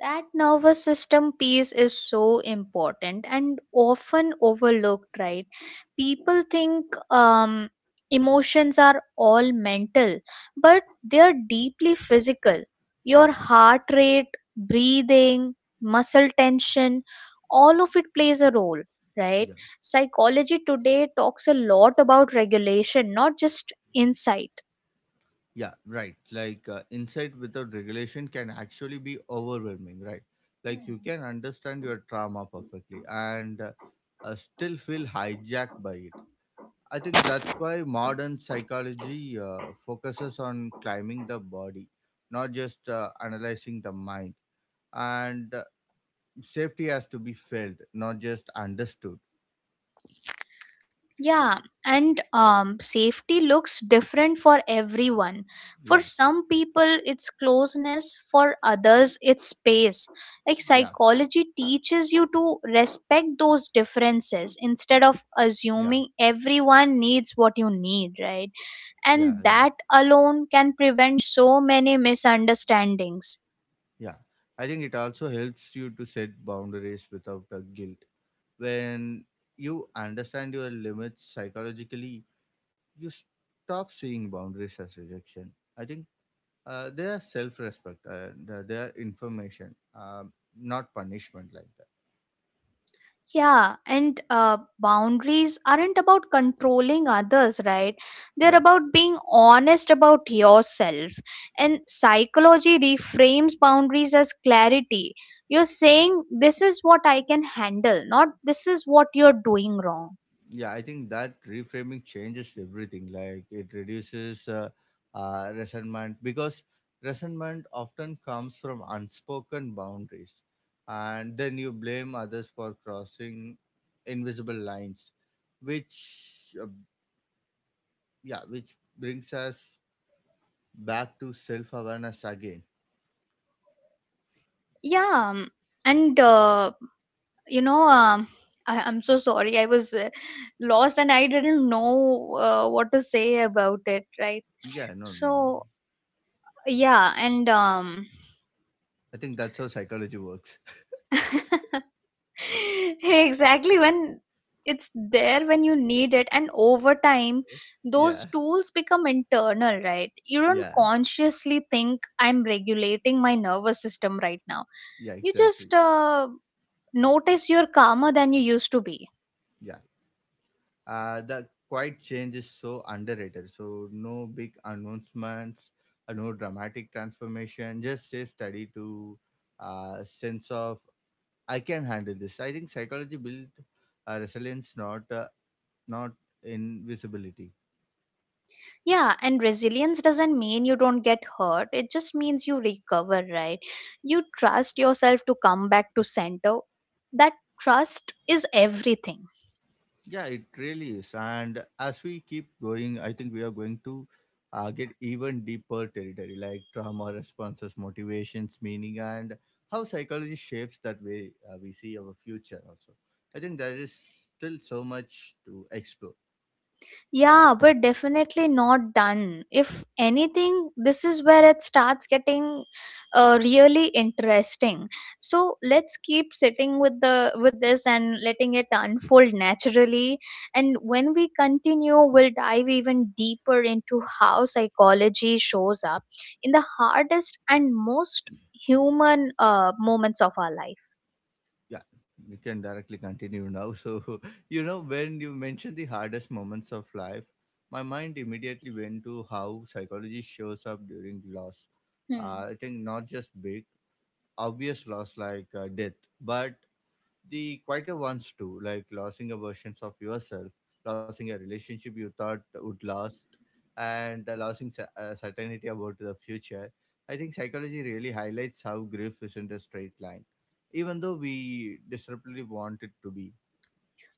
[SPEAKER 2] That nervous system piece is so important and often overlooked, right? People think emotions are all mental, but they are deeply physical.
[SPEAKER 1] Yeah,
[SPEAKER 2] Your heart rate, breathing, muscle tension, all of it plays a role, right?
[SPEAKER 1] yeah.
[SPEAKER 2] Psychology today talks a lot about regulation, not just insight.
[SPEAKER 1] Yeah, right. Like insight without regulation can actually be overwhelming, right? Like you can understand your trauma perfectly and still feel hijacked by it. I think that's why modern psychology focuses on climbing the body, not just analyzing the mind. And safety has to be felt, not just understood.
[SPEAKER 2] Yeah, and safety looks different for everyone. For
[SPEAKER 1] Yeah,
[SPEAKER 2] some people, it's closeness, for others, it's space. Like
[SPEAKER 1] yeah.
[SPEAKER 2] psychology teaches you to respect those differences instead
[SPEAKER 1] Yeah,
[SPEAKER 2] of assuming everyone needs what you need, right?
[SPEAKER 1] yeah, yeah,
[SPEAKER 2] And that alone can prevent so many misunderstandings.
[SPEAKER 1] yeah. I think it also helps you to set boundaries without a guilt. When you understand your limits psychologically, you stop seeing boundaries as rejection. I think they are self-respect and they are information, not punishment like that.
[SPEAKER 2] Yeah, and boundaries aren't about controlling others, right? They're
[SPEAKER 1] Yeah.
[SPEAKER 2] about being honest about yourself. And psychology reframes boundaries as clarity. You're saying, this is what I can handle, not this is what you're doing wrong.
[SPEAKER 1] Yeah, I think that reframing changes everything, like it reduces resentment, because resentment often comes from unspoken boundaries and then you blame others for crossing invisible lines, which yeah, which brings us back to self-awareness again.
[SPEAKER 2] Yeah, um, and you know, I'm so sorry. I was lost and I didn't know what to say about it, right?
[SPEAKER 1] Yeah, no, no.
[SPEAKER 2] So, yeah, and
[SPEAKER 1] I think that's how psychology works.
[SPEAKER 2] exactly when it's there when you need it, and over time those
[SPEAKER 1] Yeah,
[SPEAKER 2] tools become internal, right? You don't
[SPEAKER 1] yeah,
[SPEAKER 2] consciously think I'm regulating my nervous system right now.
[SPEAKER 1] yeah,
[SPEAKER 2] You
[SPEAKER 1] exactly,
[SPEAKER 2] just notice you're calmer than you used to be.
[SPEAKER 1] yeah. The quiet change is so underrated. So no big announcements, no dramatic transformation. Just a study to sense of I can handle this. I think psychology built resilience, not invisibility.
[SPEAKER 2] Yeah, and resilience doesn't mean you don't get hurt, it just means you recover, right? You trust yourself to come back to center. That trust is everything.
[SPEAKER 1] Yeah, it really is. And as we keep going, I think we are going to get even deeper territory, like trauma responses, motivations, meaning, and how psychology shapes that way we see our future also. I think there is still so much to explore.
[SPEAKER 2] Yeah, but definitely not done. If anything, this is where it starts getting really interesting. So let's keep sitting with the with this and letting it unfold naturally. And when we continue, we'll dive even deeper into how psychology shows up in the hardest and most human moments of our life.
[SPEAKER 1] Yeah, we can directly continue now. So, when you mentioned the hardest moments of life, my mind immediately went to how psychology shows up during loss.
[SPEAKER 2] Hmm.
[SPEAKER 1] I think not just big obvious loss like death, but the quieter ones too, like losing a versions of yourself, losing a relationship you thought would last, and losing certainty about the future. I think psychology really highlights how grief isn't a straight line, even though we desperately want it to be.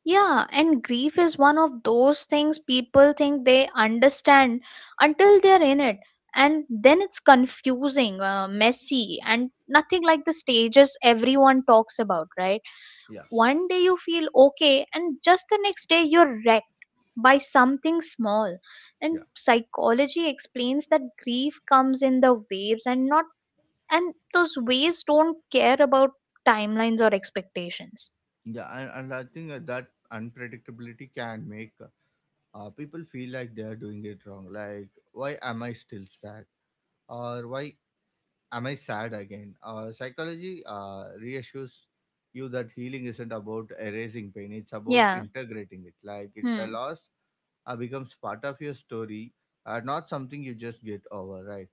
[SPEAKER 2] Yeah, and grief is one of those things people think they understand until they're in it. And then it's confusing, messy, and nothing like the stages everyone talks about, right?
[SPEAKER 1] Yeah,
[SPEAKER 2] One day you feel okay, and just the next day you're wrecked by something small. And
[SPEAKER 1] yeah,
[SPEAKER 2] psychology explains that grief comes in the waves and not, and those waves don't care about timelines or expectations.
[SPEAKER 1] yeah, and I think that unpredictability can make people feel like they are doing it wrong. Like, why am I still sad? Or why am I sad again? Psychology reassures you that healing isn't about erasing pain; it's about
[SPEAKER 2] Yeah.
[SPEAKER 1] integrating it. The
[SPEAKER 2] Hmm.
[SPEAKER 1] loss becomes part of your story, not something you just get over. Right?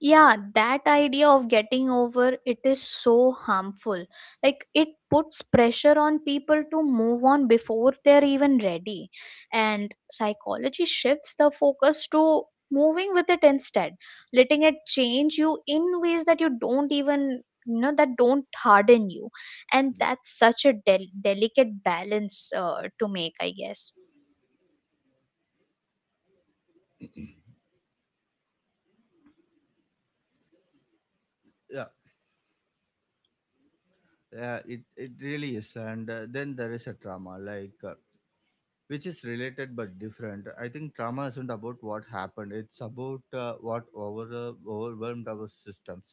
[SPEAKER 2] Yeah, that idea of getting over it is so harmful. Like it puts pressure on people to move on before they're even ready, and psychology shifts the focus to moving with it instead, letting it change you in ways that you know that don't harden you. And
[SPEAKER 1] Yeah.
[SPEAKER 2] that's such a delicate balance to make, I guess.
[SPEAKER 1] Yeah. Yeah. It really is. And then there is a trauma. Like which is related but different. I think trauma isn't about what happened; it's about what overwhelmed our systems.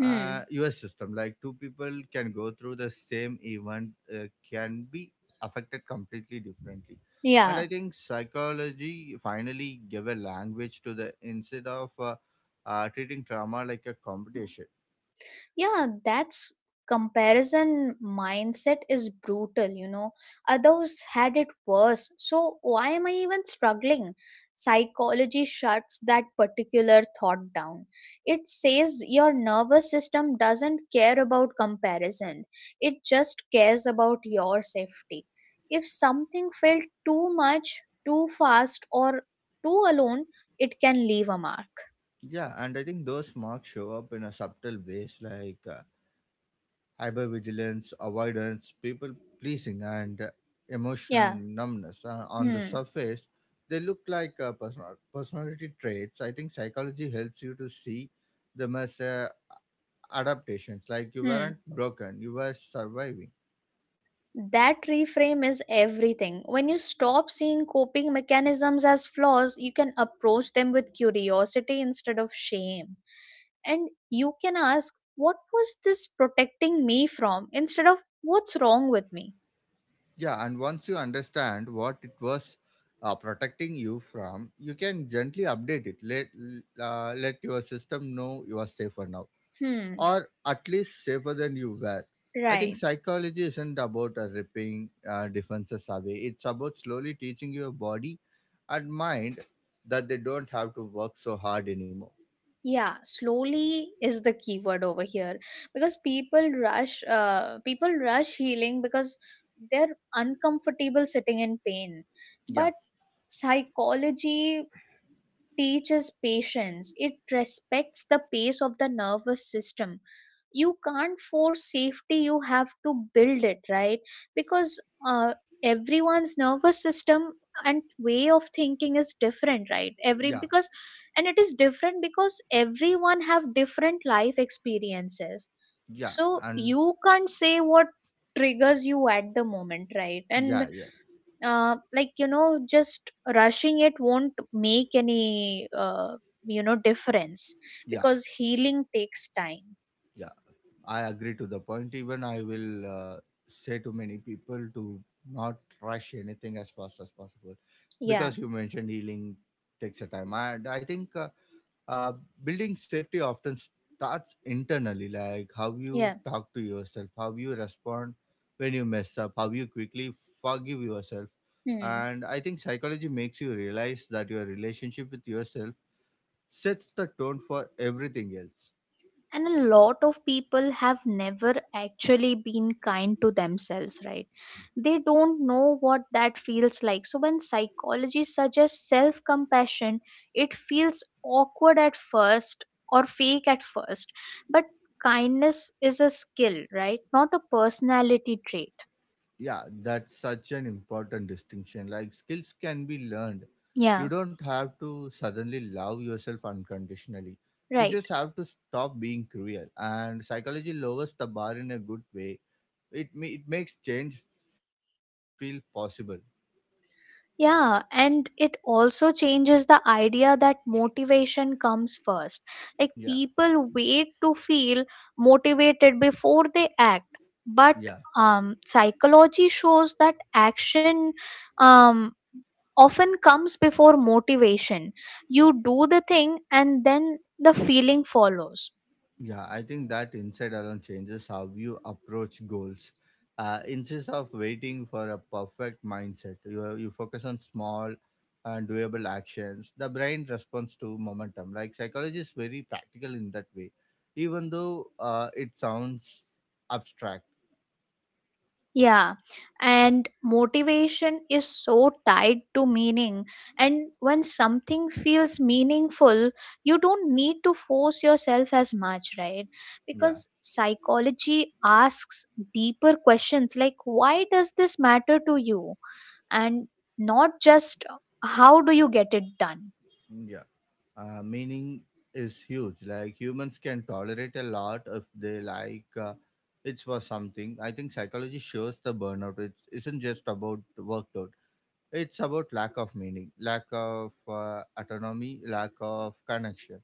[SPEAKER 1] U.S. system, like two people can go through the same event, can be affected completely differently. And
[SPEAKER 2] Yeah.
[SPEAKER 1] I think psychology finally gave a language to the instead of treating trauma like a competition.
[SPEAKER 2] Yeah, that's comparison mindset is brutal, you know. Others had it worse. So why am I even struggling? Psychology shuts that particular thought down. It says your nervous system doesn't care about comparison. It just cares about your safety. If something felt too much, too fast, or too alone, it can leave a mark.
[SPEAKER 1] Yeah, and I think those marks show up in a subtle ways, like. Hypervigilance, avoidance, people pleasing, and emotional
[SPEAKER 2] Yeah.
[SPEAKER 1] numbness. On the
[SPEAKER 2] Hmm.
[SPEAKER 1] surface, they look like personality traits. I think psychology helps you to see them as adaptations, like you weren't
[SPEAKER 2] Hmm.
[SPEAKER 1] broken, you were surviving.
[SPEAKER 2] That reframe is everything. When you stop seeing coping mechanisms as flaws, you can approach them with curiosity instead of shame. And you can ask, "What was this protecting me from?" instead of "What's wrong with me?"
[SPEAKER 1] Yeah, and once you understand what it was protecting you from, you can gently update it. Let your system know you are safer now.
[SPEAKER 2] Hmm,
[SPEAKER 1] Or at least safer than you were. I think
[SPEAKER 2] right.
[SPEAKER 1] psychology isn't about ripping defenses away. It's about slowly teaching your body and mind that they don't have to work so hard anymore.
[SPEAKER 2] Yeah, slowly is the keyword over here because people rush healing because they're uncomfortable sitting in pain.
[SPEAKER 1] Yeah,
[SPEAKER 2] But psychology teaches patience. It respects the pace of the nervous system. You can't force safety, you have to build it, right? Because uh, everyone's nervous system and way of thinking is different, right? every
[SPEAKER 1] yeah,
[SPEAKER 2] because and it is different because everyone have different life experiences.
[SPEAKER 1] yeah,
[SPEAKER 2] So
[SPEAKER 1] and
[SPEAKER 2] you can't say what triggers you at the moment, right?
[SPEAKER 1] yeah,
[SPEAKER 2] And
[SPEAKER 1] yeah,
[SPEAKER 2] like, you know, just rushing it won't make any difference
[SPEAKER 1] yeah,
[SPEAKER 2] because healing takes time.
[SPEAKER 1] yeah. I agree to the point. Even I will say to many people to not rush anything as fast as possible
[SPEAKER 2] Yeah.
[SPEAKER 1] because you mentioned healing takes a time. And I think uh, building safety often starts internally, like how you
[SPEAKER 2] Yeah.
[SPEAKER 1] talk to yourself, how you respond when you mess up, how you quickly forgive yourself.
[SPEAKER 2] Hmm.
[SPEAKER 1] And I think psychology makes you realize that your relationship with yourself sets the tone for everything else.
[SPEAKER 2] And a lot of people have never actually been kind to themselves, right? They don't know what that feels like. So, when psychology suggests self compassion, it feels awkward at first or fake at first. But kindness is a skill, right? Not a personality trait.
[SPEAKER 1] Yeah, that's such an important distinction. Like skills can be learned.
[SPEAKER 2] Yeah,
[SPEAKER 1] You don't have to suddenly love yourself unconditionally. You
[SPEAKER 2] right.
[SPEAKER 1] just have to stop being cruel. And psychology lowers the bar in a good way. It makes change feel possible.
[SPEAKER 2] Yeah, and it also changes the idea that motivation comes first. Like,
[SPEAKER 1] Yeah,
[SPEAKER 2] people wait to feel motivated before they act, but
[SPEAKER 1] yeah.
[SPEAKER 2] psychology shows that action um, often comes before motivation. You do the thing and then the feeling follows.
[SPEAKER 1] Yeah, I think that insight alone changes how you approach goals. Instead of waiting for a perfect mindset, you focus on small and doable actions. The brain responds to momentum. Like psychology is very practical in that way, even though it sounds abstract.
[SPEAKER 2] Yeah, and motivation is so tied to meaning. And when something feels meaningful, you don't need to force yourself as much, right?
[SPEAKER 1] Yeah.
[SPEAKER 2] Because psychology asks deeper questions like, why does this matter to you? And not just, how do you get it done?
[SPEAKER 1] Yeah. Meaning is huge. Like humans can tolerate a lot if they like it's for something. I think psychology shows the burnout. It isn't just about workload. It's about lack of meaning, lack of autonomy, lack of connection.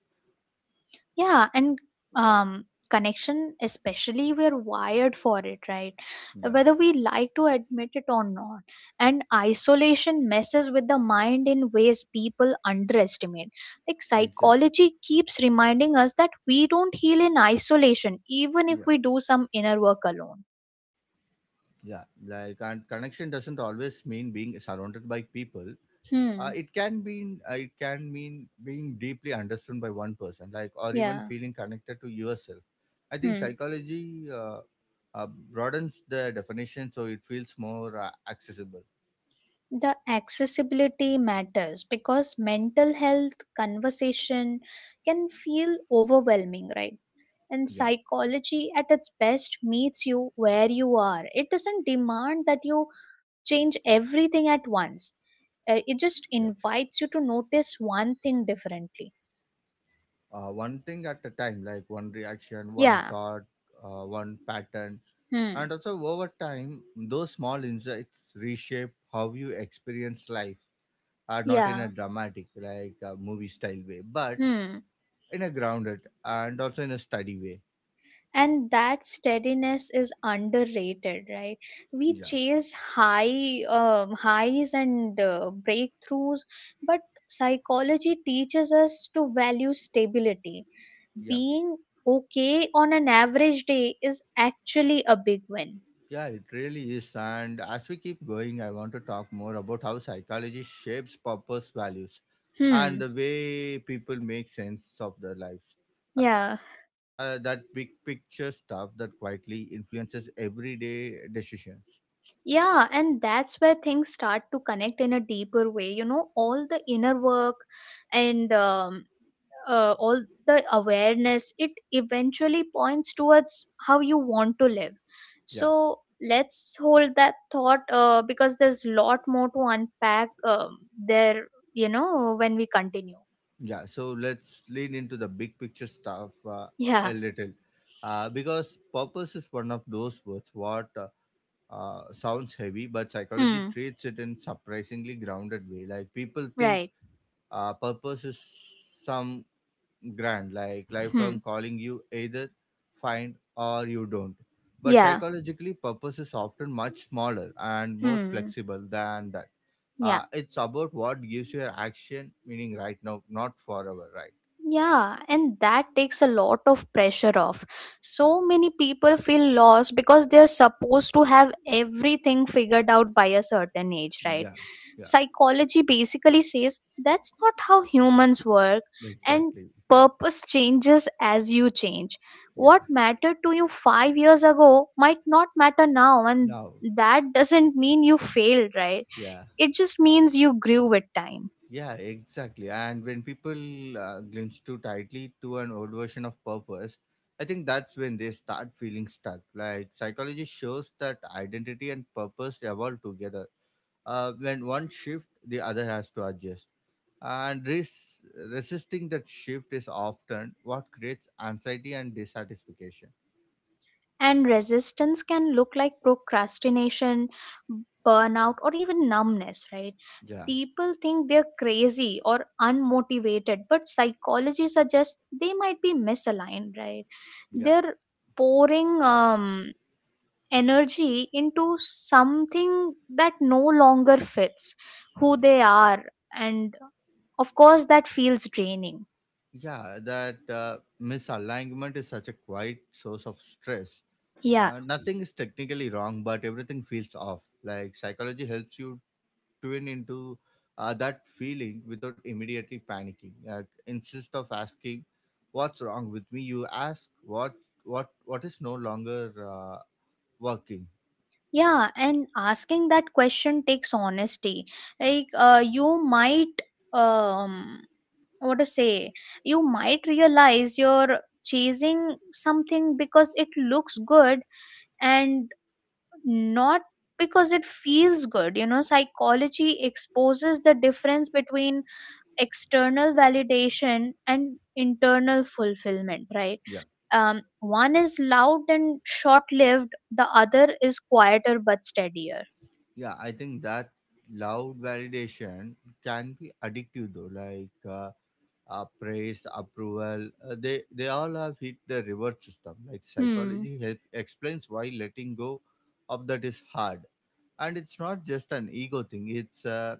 [SPEAKER 2] Yeah, and um, connection, especially, we're wired for it, right?
[SPEAKER 1] Yeah,
[SPEAKER 2] Whether we like to admit it or not. And isolation messes with the mind in ways people underestimate. Like,
[SPEAKER 1] exactly.
[SPEAKER 2] psychology keeps reminding us that we don't heal in isolation, even if
[SPEAKER 1] Yeah,
[SPEAKER 2] we do some inner work alone.
[SPEAKER 1] yeah. Like, and connection doesn't always mean being surrounded by people.
[SPEAKER 2] Hmm.
[SPEAKER 1] It can mean being deeply understood by one person like or even
[SPEAKER 2] Yeah.
[SPEAKER 1] feeling connected to yourself. I think
[SPEAKER 2] Hmm.
[SPEAKER 1] psychology broadens the definition so it feels more accessible.
[SPEAKER 2] The accessibility matters because mental health conversation can feel overwhelming, right? And
[SPEAKER 1] Yeah,
[SPEAKER 2] psychology at its best meets you where you are. It doesn't demand that you change everything at once.
[SPEAKER 1] yeah,
[SPEAKER 2] It just invites you to notice one thing differently.
[SPEAKER 1] one thing at a time, like one reaction, one
[SPEAKER 2] Yeah.
[SPEAKER 1] thought, one pattern,
[SPEAKER 2] Hmm.
[SPEAKER 1] and also over time those small insights reshape how you experience life, are not in a
[SPEAKER 2] Yeah.
[SPEAKER 1] dramatic like movie style way but
[SPEAKER 2] Hmm.
[SPEAKER 1] in a grounded and also in a steady way.
[SPEAKER 2] And that steadiness is underrated, right? We
[SPEAKER 1] Yeah,
[SPEAKER 2] chase highs and breakthroughs, but psychology teaches us to value stability.
[SPEAKER 1] yeah,
[SPEAKER 2] Being okay on an average day is actually a big win.
[SPEAKER 1] yeah, it really is. And as we keep going, I want to talk more about how psychology shapes purpose, values, and
[SPEAKER 2] Hmm.
[SPEAKER 1] the way people make sense of their lives.
[SPEAKER 2] Yeah.
[SPEAKER 1] That big picture stuff that quietly influences everyday decisions.
[SPEAKER 2] Yeah, and that's where things start to connect in a deeper way. You know, all the inner work and all the awareness, it eventually points towards how you want to live.
[SPEAKER 1] Yeah,
[SPEAKER 2] So let's hold that thought because there's a lot more to unpack there, you know, when we continue.
[SPEAKER 1] yeah. So let's lean into the big picture stuff a
[SPEAKER 2] Yeah.
[SPEAKER 1] little. Because purpose is one of those words what sounds heavy, but psychology
[SPEAKER 2] Hmm.
[SPEAKER 1] treats it in surprisingly grounded way. Like people think
[SPEAKER 2] Right.
[SPEAKER 1] purpose is some grand, like
[SPEAKER 2] Hmm.
[SPEAKER 1] lifelong calling you either find or you don't. But
[SPEAKER 2] Yeah.
[SPEAKER 1] psychologically, purpose is often much smaller and more
[SPEAKER 2] Hmm.
[SPEAKER 1] flexible than that.
[SPEAKER 2] Yeah.
[SPEAKER 1] It's about what gives your action meaning right now, not forever, right?
[SPEAKER 2] Yeah. And that takes a lot of pressure off. So many people feel lost because they're supposed to have everything figured out by a certain age, right?
[SPEAKER 1] Yeah, yeah.
[SPEAKER 2] Psychology basically says that's not how humans work, and
[SPEAKER 1] Exactly.
[SPEAKER 2] purpose changes as you change.
[SPEAKER 1] Yeah.
[SPEAKER 2] What mattered to you 5 years ago might not matter now, and
[SPEAKER 1] Now,
[SPEAKER 2] that doesn't mean you failed, right?
[SPEAKER 1] yeah.
[SPEAKER 2] It just means you grew with time.
[SPEAKER 1] Yeah, exactly. And when people clinch too tightly to an old version of purpose, I think that's when they start feeling stuck. Like psychology shows that identity and purpose evolve together. When one shift, the other has to adjust. And resisting that shift is often what creates anxiety and dissatisfaction.
[SPEAKER 2] And resistance can look like procrastination, burnout, or even numbness, right?
[SPEAKER 1] Yeah,
[SPEAKER 2] People think they're crazy or unmotivated, but psychology suggests they might be misaligned, right?
[SPEAKER 1] yeah,
[SPEAKER 2] They're pouring energy into something that no longer fits who
[SPEAKER 1] yeah.
[SPEAKER 2] they are. And of course, that feels draining.
[SPEAKER 1] Yeah, that misalignment is such a quiet source of stress.
[SPEAKER 2] Yeah.
[SPEAKER 1] Nothing is technically wrong, but everything feels off. Like psychology helps you tune into that feeling without immediately panicking. Like instead of asking what's wrong with me, you ask what is no longer working.
[SPEAKER 2] Yeah, and asking that question takes honesty. Like, you might, um, what to say, you might realize you're chasing something because it looks good and not because it feels good. You know, psychology exposes the difference between external validation and internal fulfillment, right?
[SPEAKER 1] Yeah,
[SPEAKER 2] One is loud and short lived, the other is quieter but steadier.
[SPEAKER 1] yeah. I think that loud validation can be addictive though. Praise, approval. They all have hit the reward system. Like
[SPEAKER 2] Hmm.
[SPEAKER 1] psychology help, explains why letting go of that is hard, and it's not just an ego thing. It's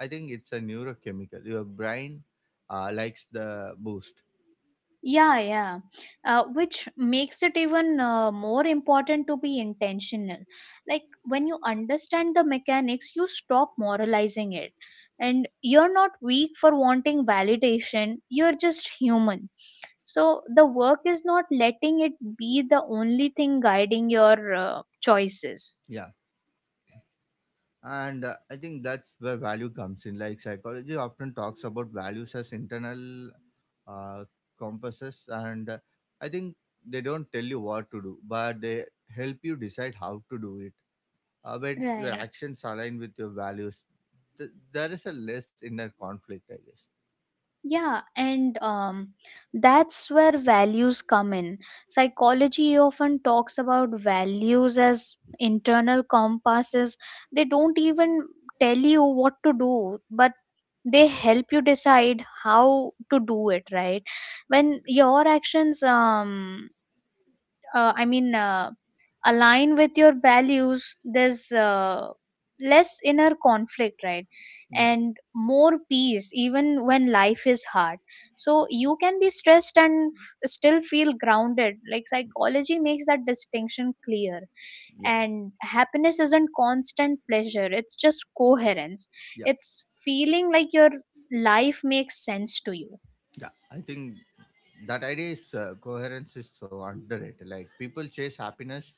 [SPEAKER 1] I think it's a neurochemical. Your brain likes the boost.
[SPEAKER 2] Yeah, yeah. Which makes it even more important to be intentional. Like, when you understand the mechanics, you stop moralizing it. And you're not weak for wanting validation, you're just human. So the work is not letting it be the only thing guiding your choices.
[SPEAKER 1] Yeah. And I think that's where value comes in. Like psychology often talks about values as internal uh, compasses, and I think they don't tell you what to do, but they help you decide how to do it when your
[SPEAKER 2] Right.
[SPEAKER 1] actions align with your values, there is a less inner conflict, I guess.
[SPEAKER 2] Yeah, and that's where values come in. Psychology often talks about values as internal compasses. They don't even tell you what to do, but they help you decide how to do it, right? When your actions uh, i mean uh, align with your values, there's less inner conflict, right?
[SPEAKER 1] Yeah,
[SPEAKER 2] And more peace even when life is hard. So you can be stressed and still feel grounded. Like, psychology makes that distinction clear.
[SPEAKER 1] yeah,
[SPEAKER 2] And happiness isn't constant pleasure, it's just coherence.
[SPEAKER 1] yeah,
[SPEAKER 2] It's feeling like your life makes sense to you.
[SPEAKER 1] yeah. I think that idea is coherence is so underrated. Like people chase happiness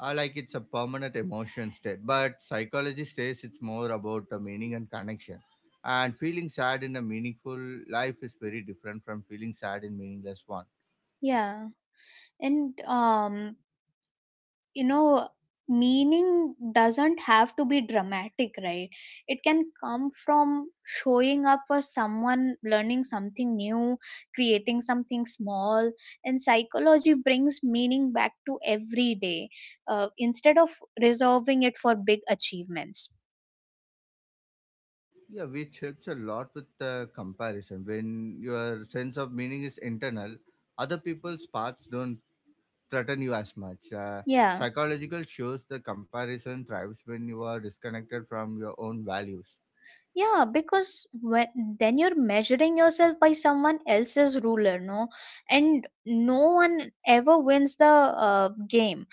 [SPEAKER 1] like it's a permanent emotion state, but psychology says it's more about the meaning and connection. And feeling sad in a meaningful life is very different from feeling sad in meaningless one.
[SPEAKER 2] Yeah. And you know, meaning doesn't have to be dramatic, right? It can come from showing up for someone, learning something new, creating something small. And psychology brings meaning back to every day, instead of reserving it for big achievements.
[SPEAKER 1] Yeah, which helps a lot with the comparison. When your sense of meaning is internal, other people's paths don't threaten you as much.
[SPEAKER 2] Yeah.
[SPEAKER 1] Psychological shows the comparison thrives when you are disconnected from your own values.
[SPEAKER 2] Yeah, because then you're measuring yourself by someone else's ruler. No, and no one ever wins the game.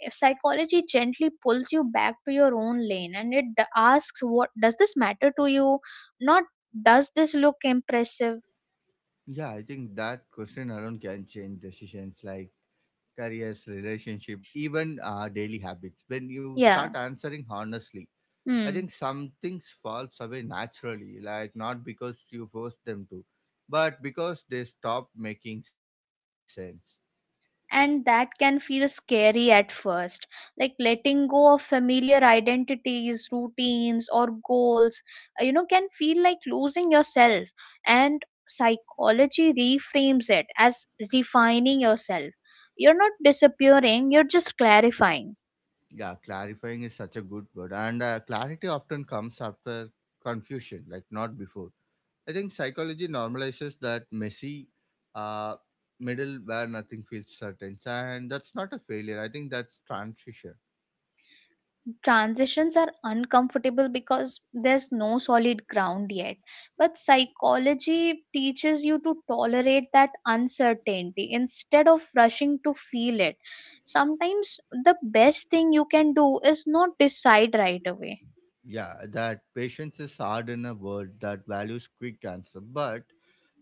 [SPEAKER 2] If psychology gently pulls you back to your own lane, and it asks, what does this matter to you? Not, does this look impressive?
[SPEAKER 1] Yeah, I think that question alone can change decisions like careers, relationship, even daily habits. When you
[SPEAKER 2] Yeah.
[SPEAKER 1] start answering honestly, I
[SPEAKER 2] Hmm.
[SPEAKER 1] think some things falls away naturally, like not because you force them to, but because they stop making sense.
[SPEAKER 2] And that can feel scary at first. Like, letting go of familiar identities, routines, or goals, you know, can feel like losing yourself. And psychology reframes it as refining yourself. You're not disappearing, you're just clarifying.
[SPEAKER 1] Yeah, clarifying is such a good word, and clarity often comes after confusion, like not before. I think psychology normalizes that messy uh, middle where nothing feels certain, and that's not a failure. I think that's transition.
[SPEAKER 2] Transitions are uncomfortable because there's no solid ground yet. But psychology teaches you to tolerate that uncertainty instead of rushing to feel it. Sometimes the best thing you can do is not decide right away.
[SPEAKER 1] Yeah, that patience is hard in a world that values quick answer, but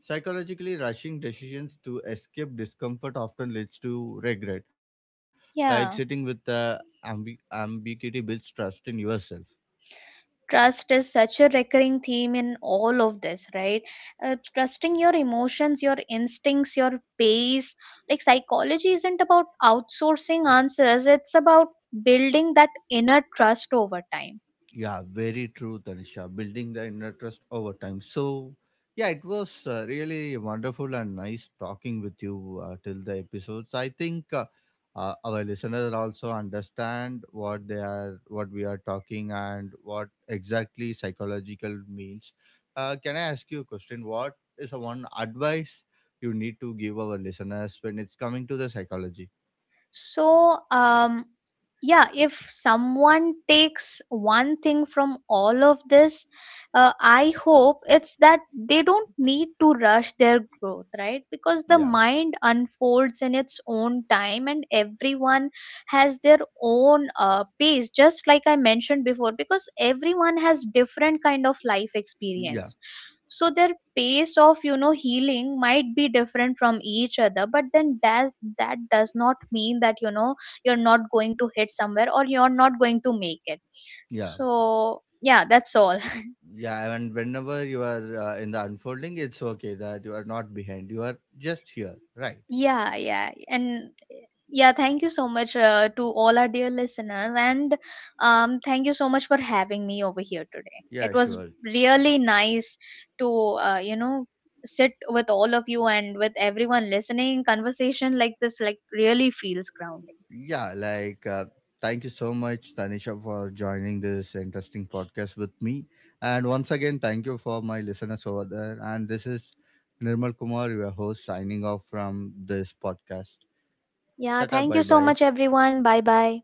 [SPEAKER 1] psychologically rushing decisions to escape discomfort often leads to regret. Like sitting with
[SPEAKER 2] Yeah.
[SPEAKER 1] the ambiguity builds trust in yourself.
[SPEAKER 2] Trust is such a recurring theme in all of this, right? Trusting your emotions, your instincts, your pace. Like, psychology isn't about outsourcing answers, it's about building that inner trust over time.
[SPEAKER 1] Yeah, very true, Tanisha. Building the inner trust over time. So, yeah, it was really wonderful and nice talking with you till the episodes. I think our listeners also understand what they are, what we are talking, and what exactly psychological means. Can I ask you a question? What is a one advice you need to give our listeners when it's coming to the psychology?
[SPEAKER 2] So, yeah, if someone takes one thing from all of this, I hope it's that they don't need to rush their growth, right? Because the
[SPEAKER 1] Yeah,
[SPEAKER 2] mind unfolds in its own time, and everyone has their own pace. Just like I mentioned before, because everyone has different kind of life
[SPEAKER 1] yeah,
[SPEAKER 2] experience. So their pace of, you know, healing might be different from each other. But then, that does not mean that, you know, you're not going to hit somewhere or you're not going to make it.
[SPEAKER 1] yeah.
[SPEAKER 2] So yeah, that's all.
[SPEAKER 1] Yeah, and whenever you are in the unfolding, it's okay that you are not behind, you are just here, right?
[SPEAKER 2] Yeah. Yeah. And yeah, thank you so much to all our dear listeners, and thank you so much for having me over here today. It
[SPEAKER 1] Yeah,
[SPEAKER 2] was
[SPEAKER 1] sure.
[SPEAKER 2] really nice to, you know, sit with all of you and with everyone listening. Conversation like this, like, really feels grounding.
[SPEAKER 1] Yeah, like thank you so much, Tanisha, for joining this interesting podcast with me, and once again thank you for my listeners over there, and this is Nirmal Kumar, your host, signing off from this podcast.
[SPEAKER 2] Yeah,
[SPEAKER 1] Tata,
[SPEAKER 2] thank you
[SPEAKER 1] bye
[SPEAKER 2] so much,
[SPEAKER 1] bye.
[SPEAKER 2] everyone. Bye bye.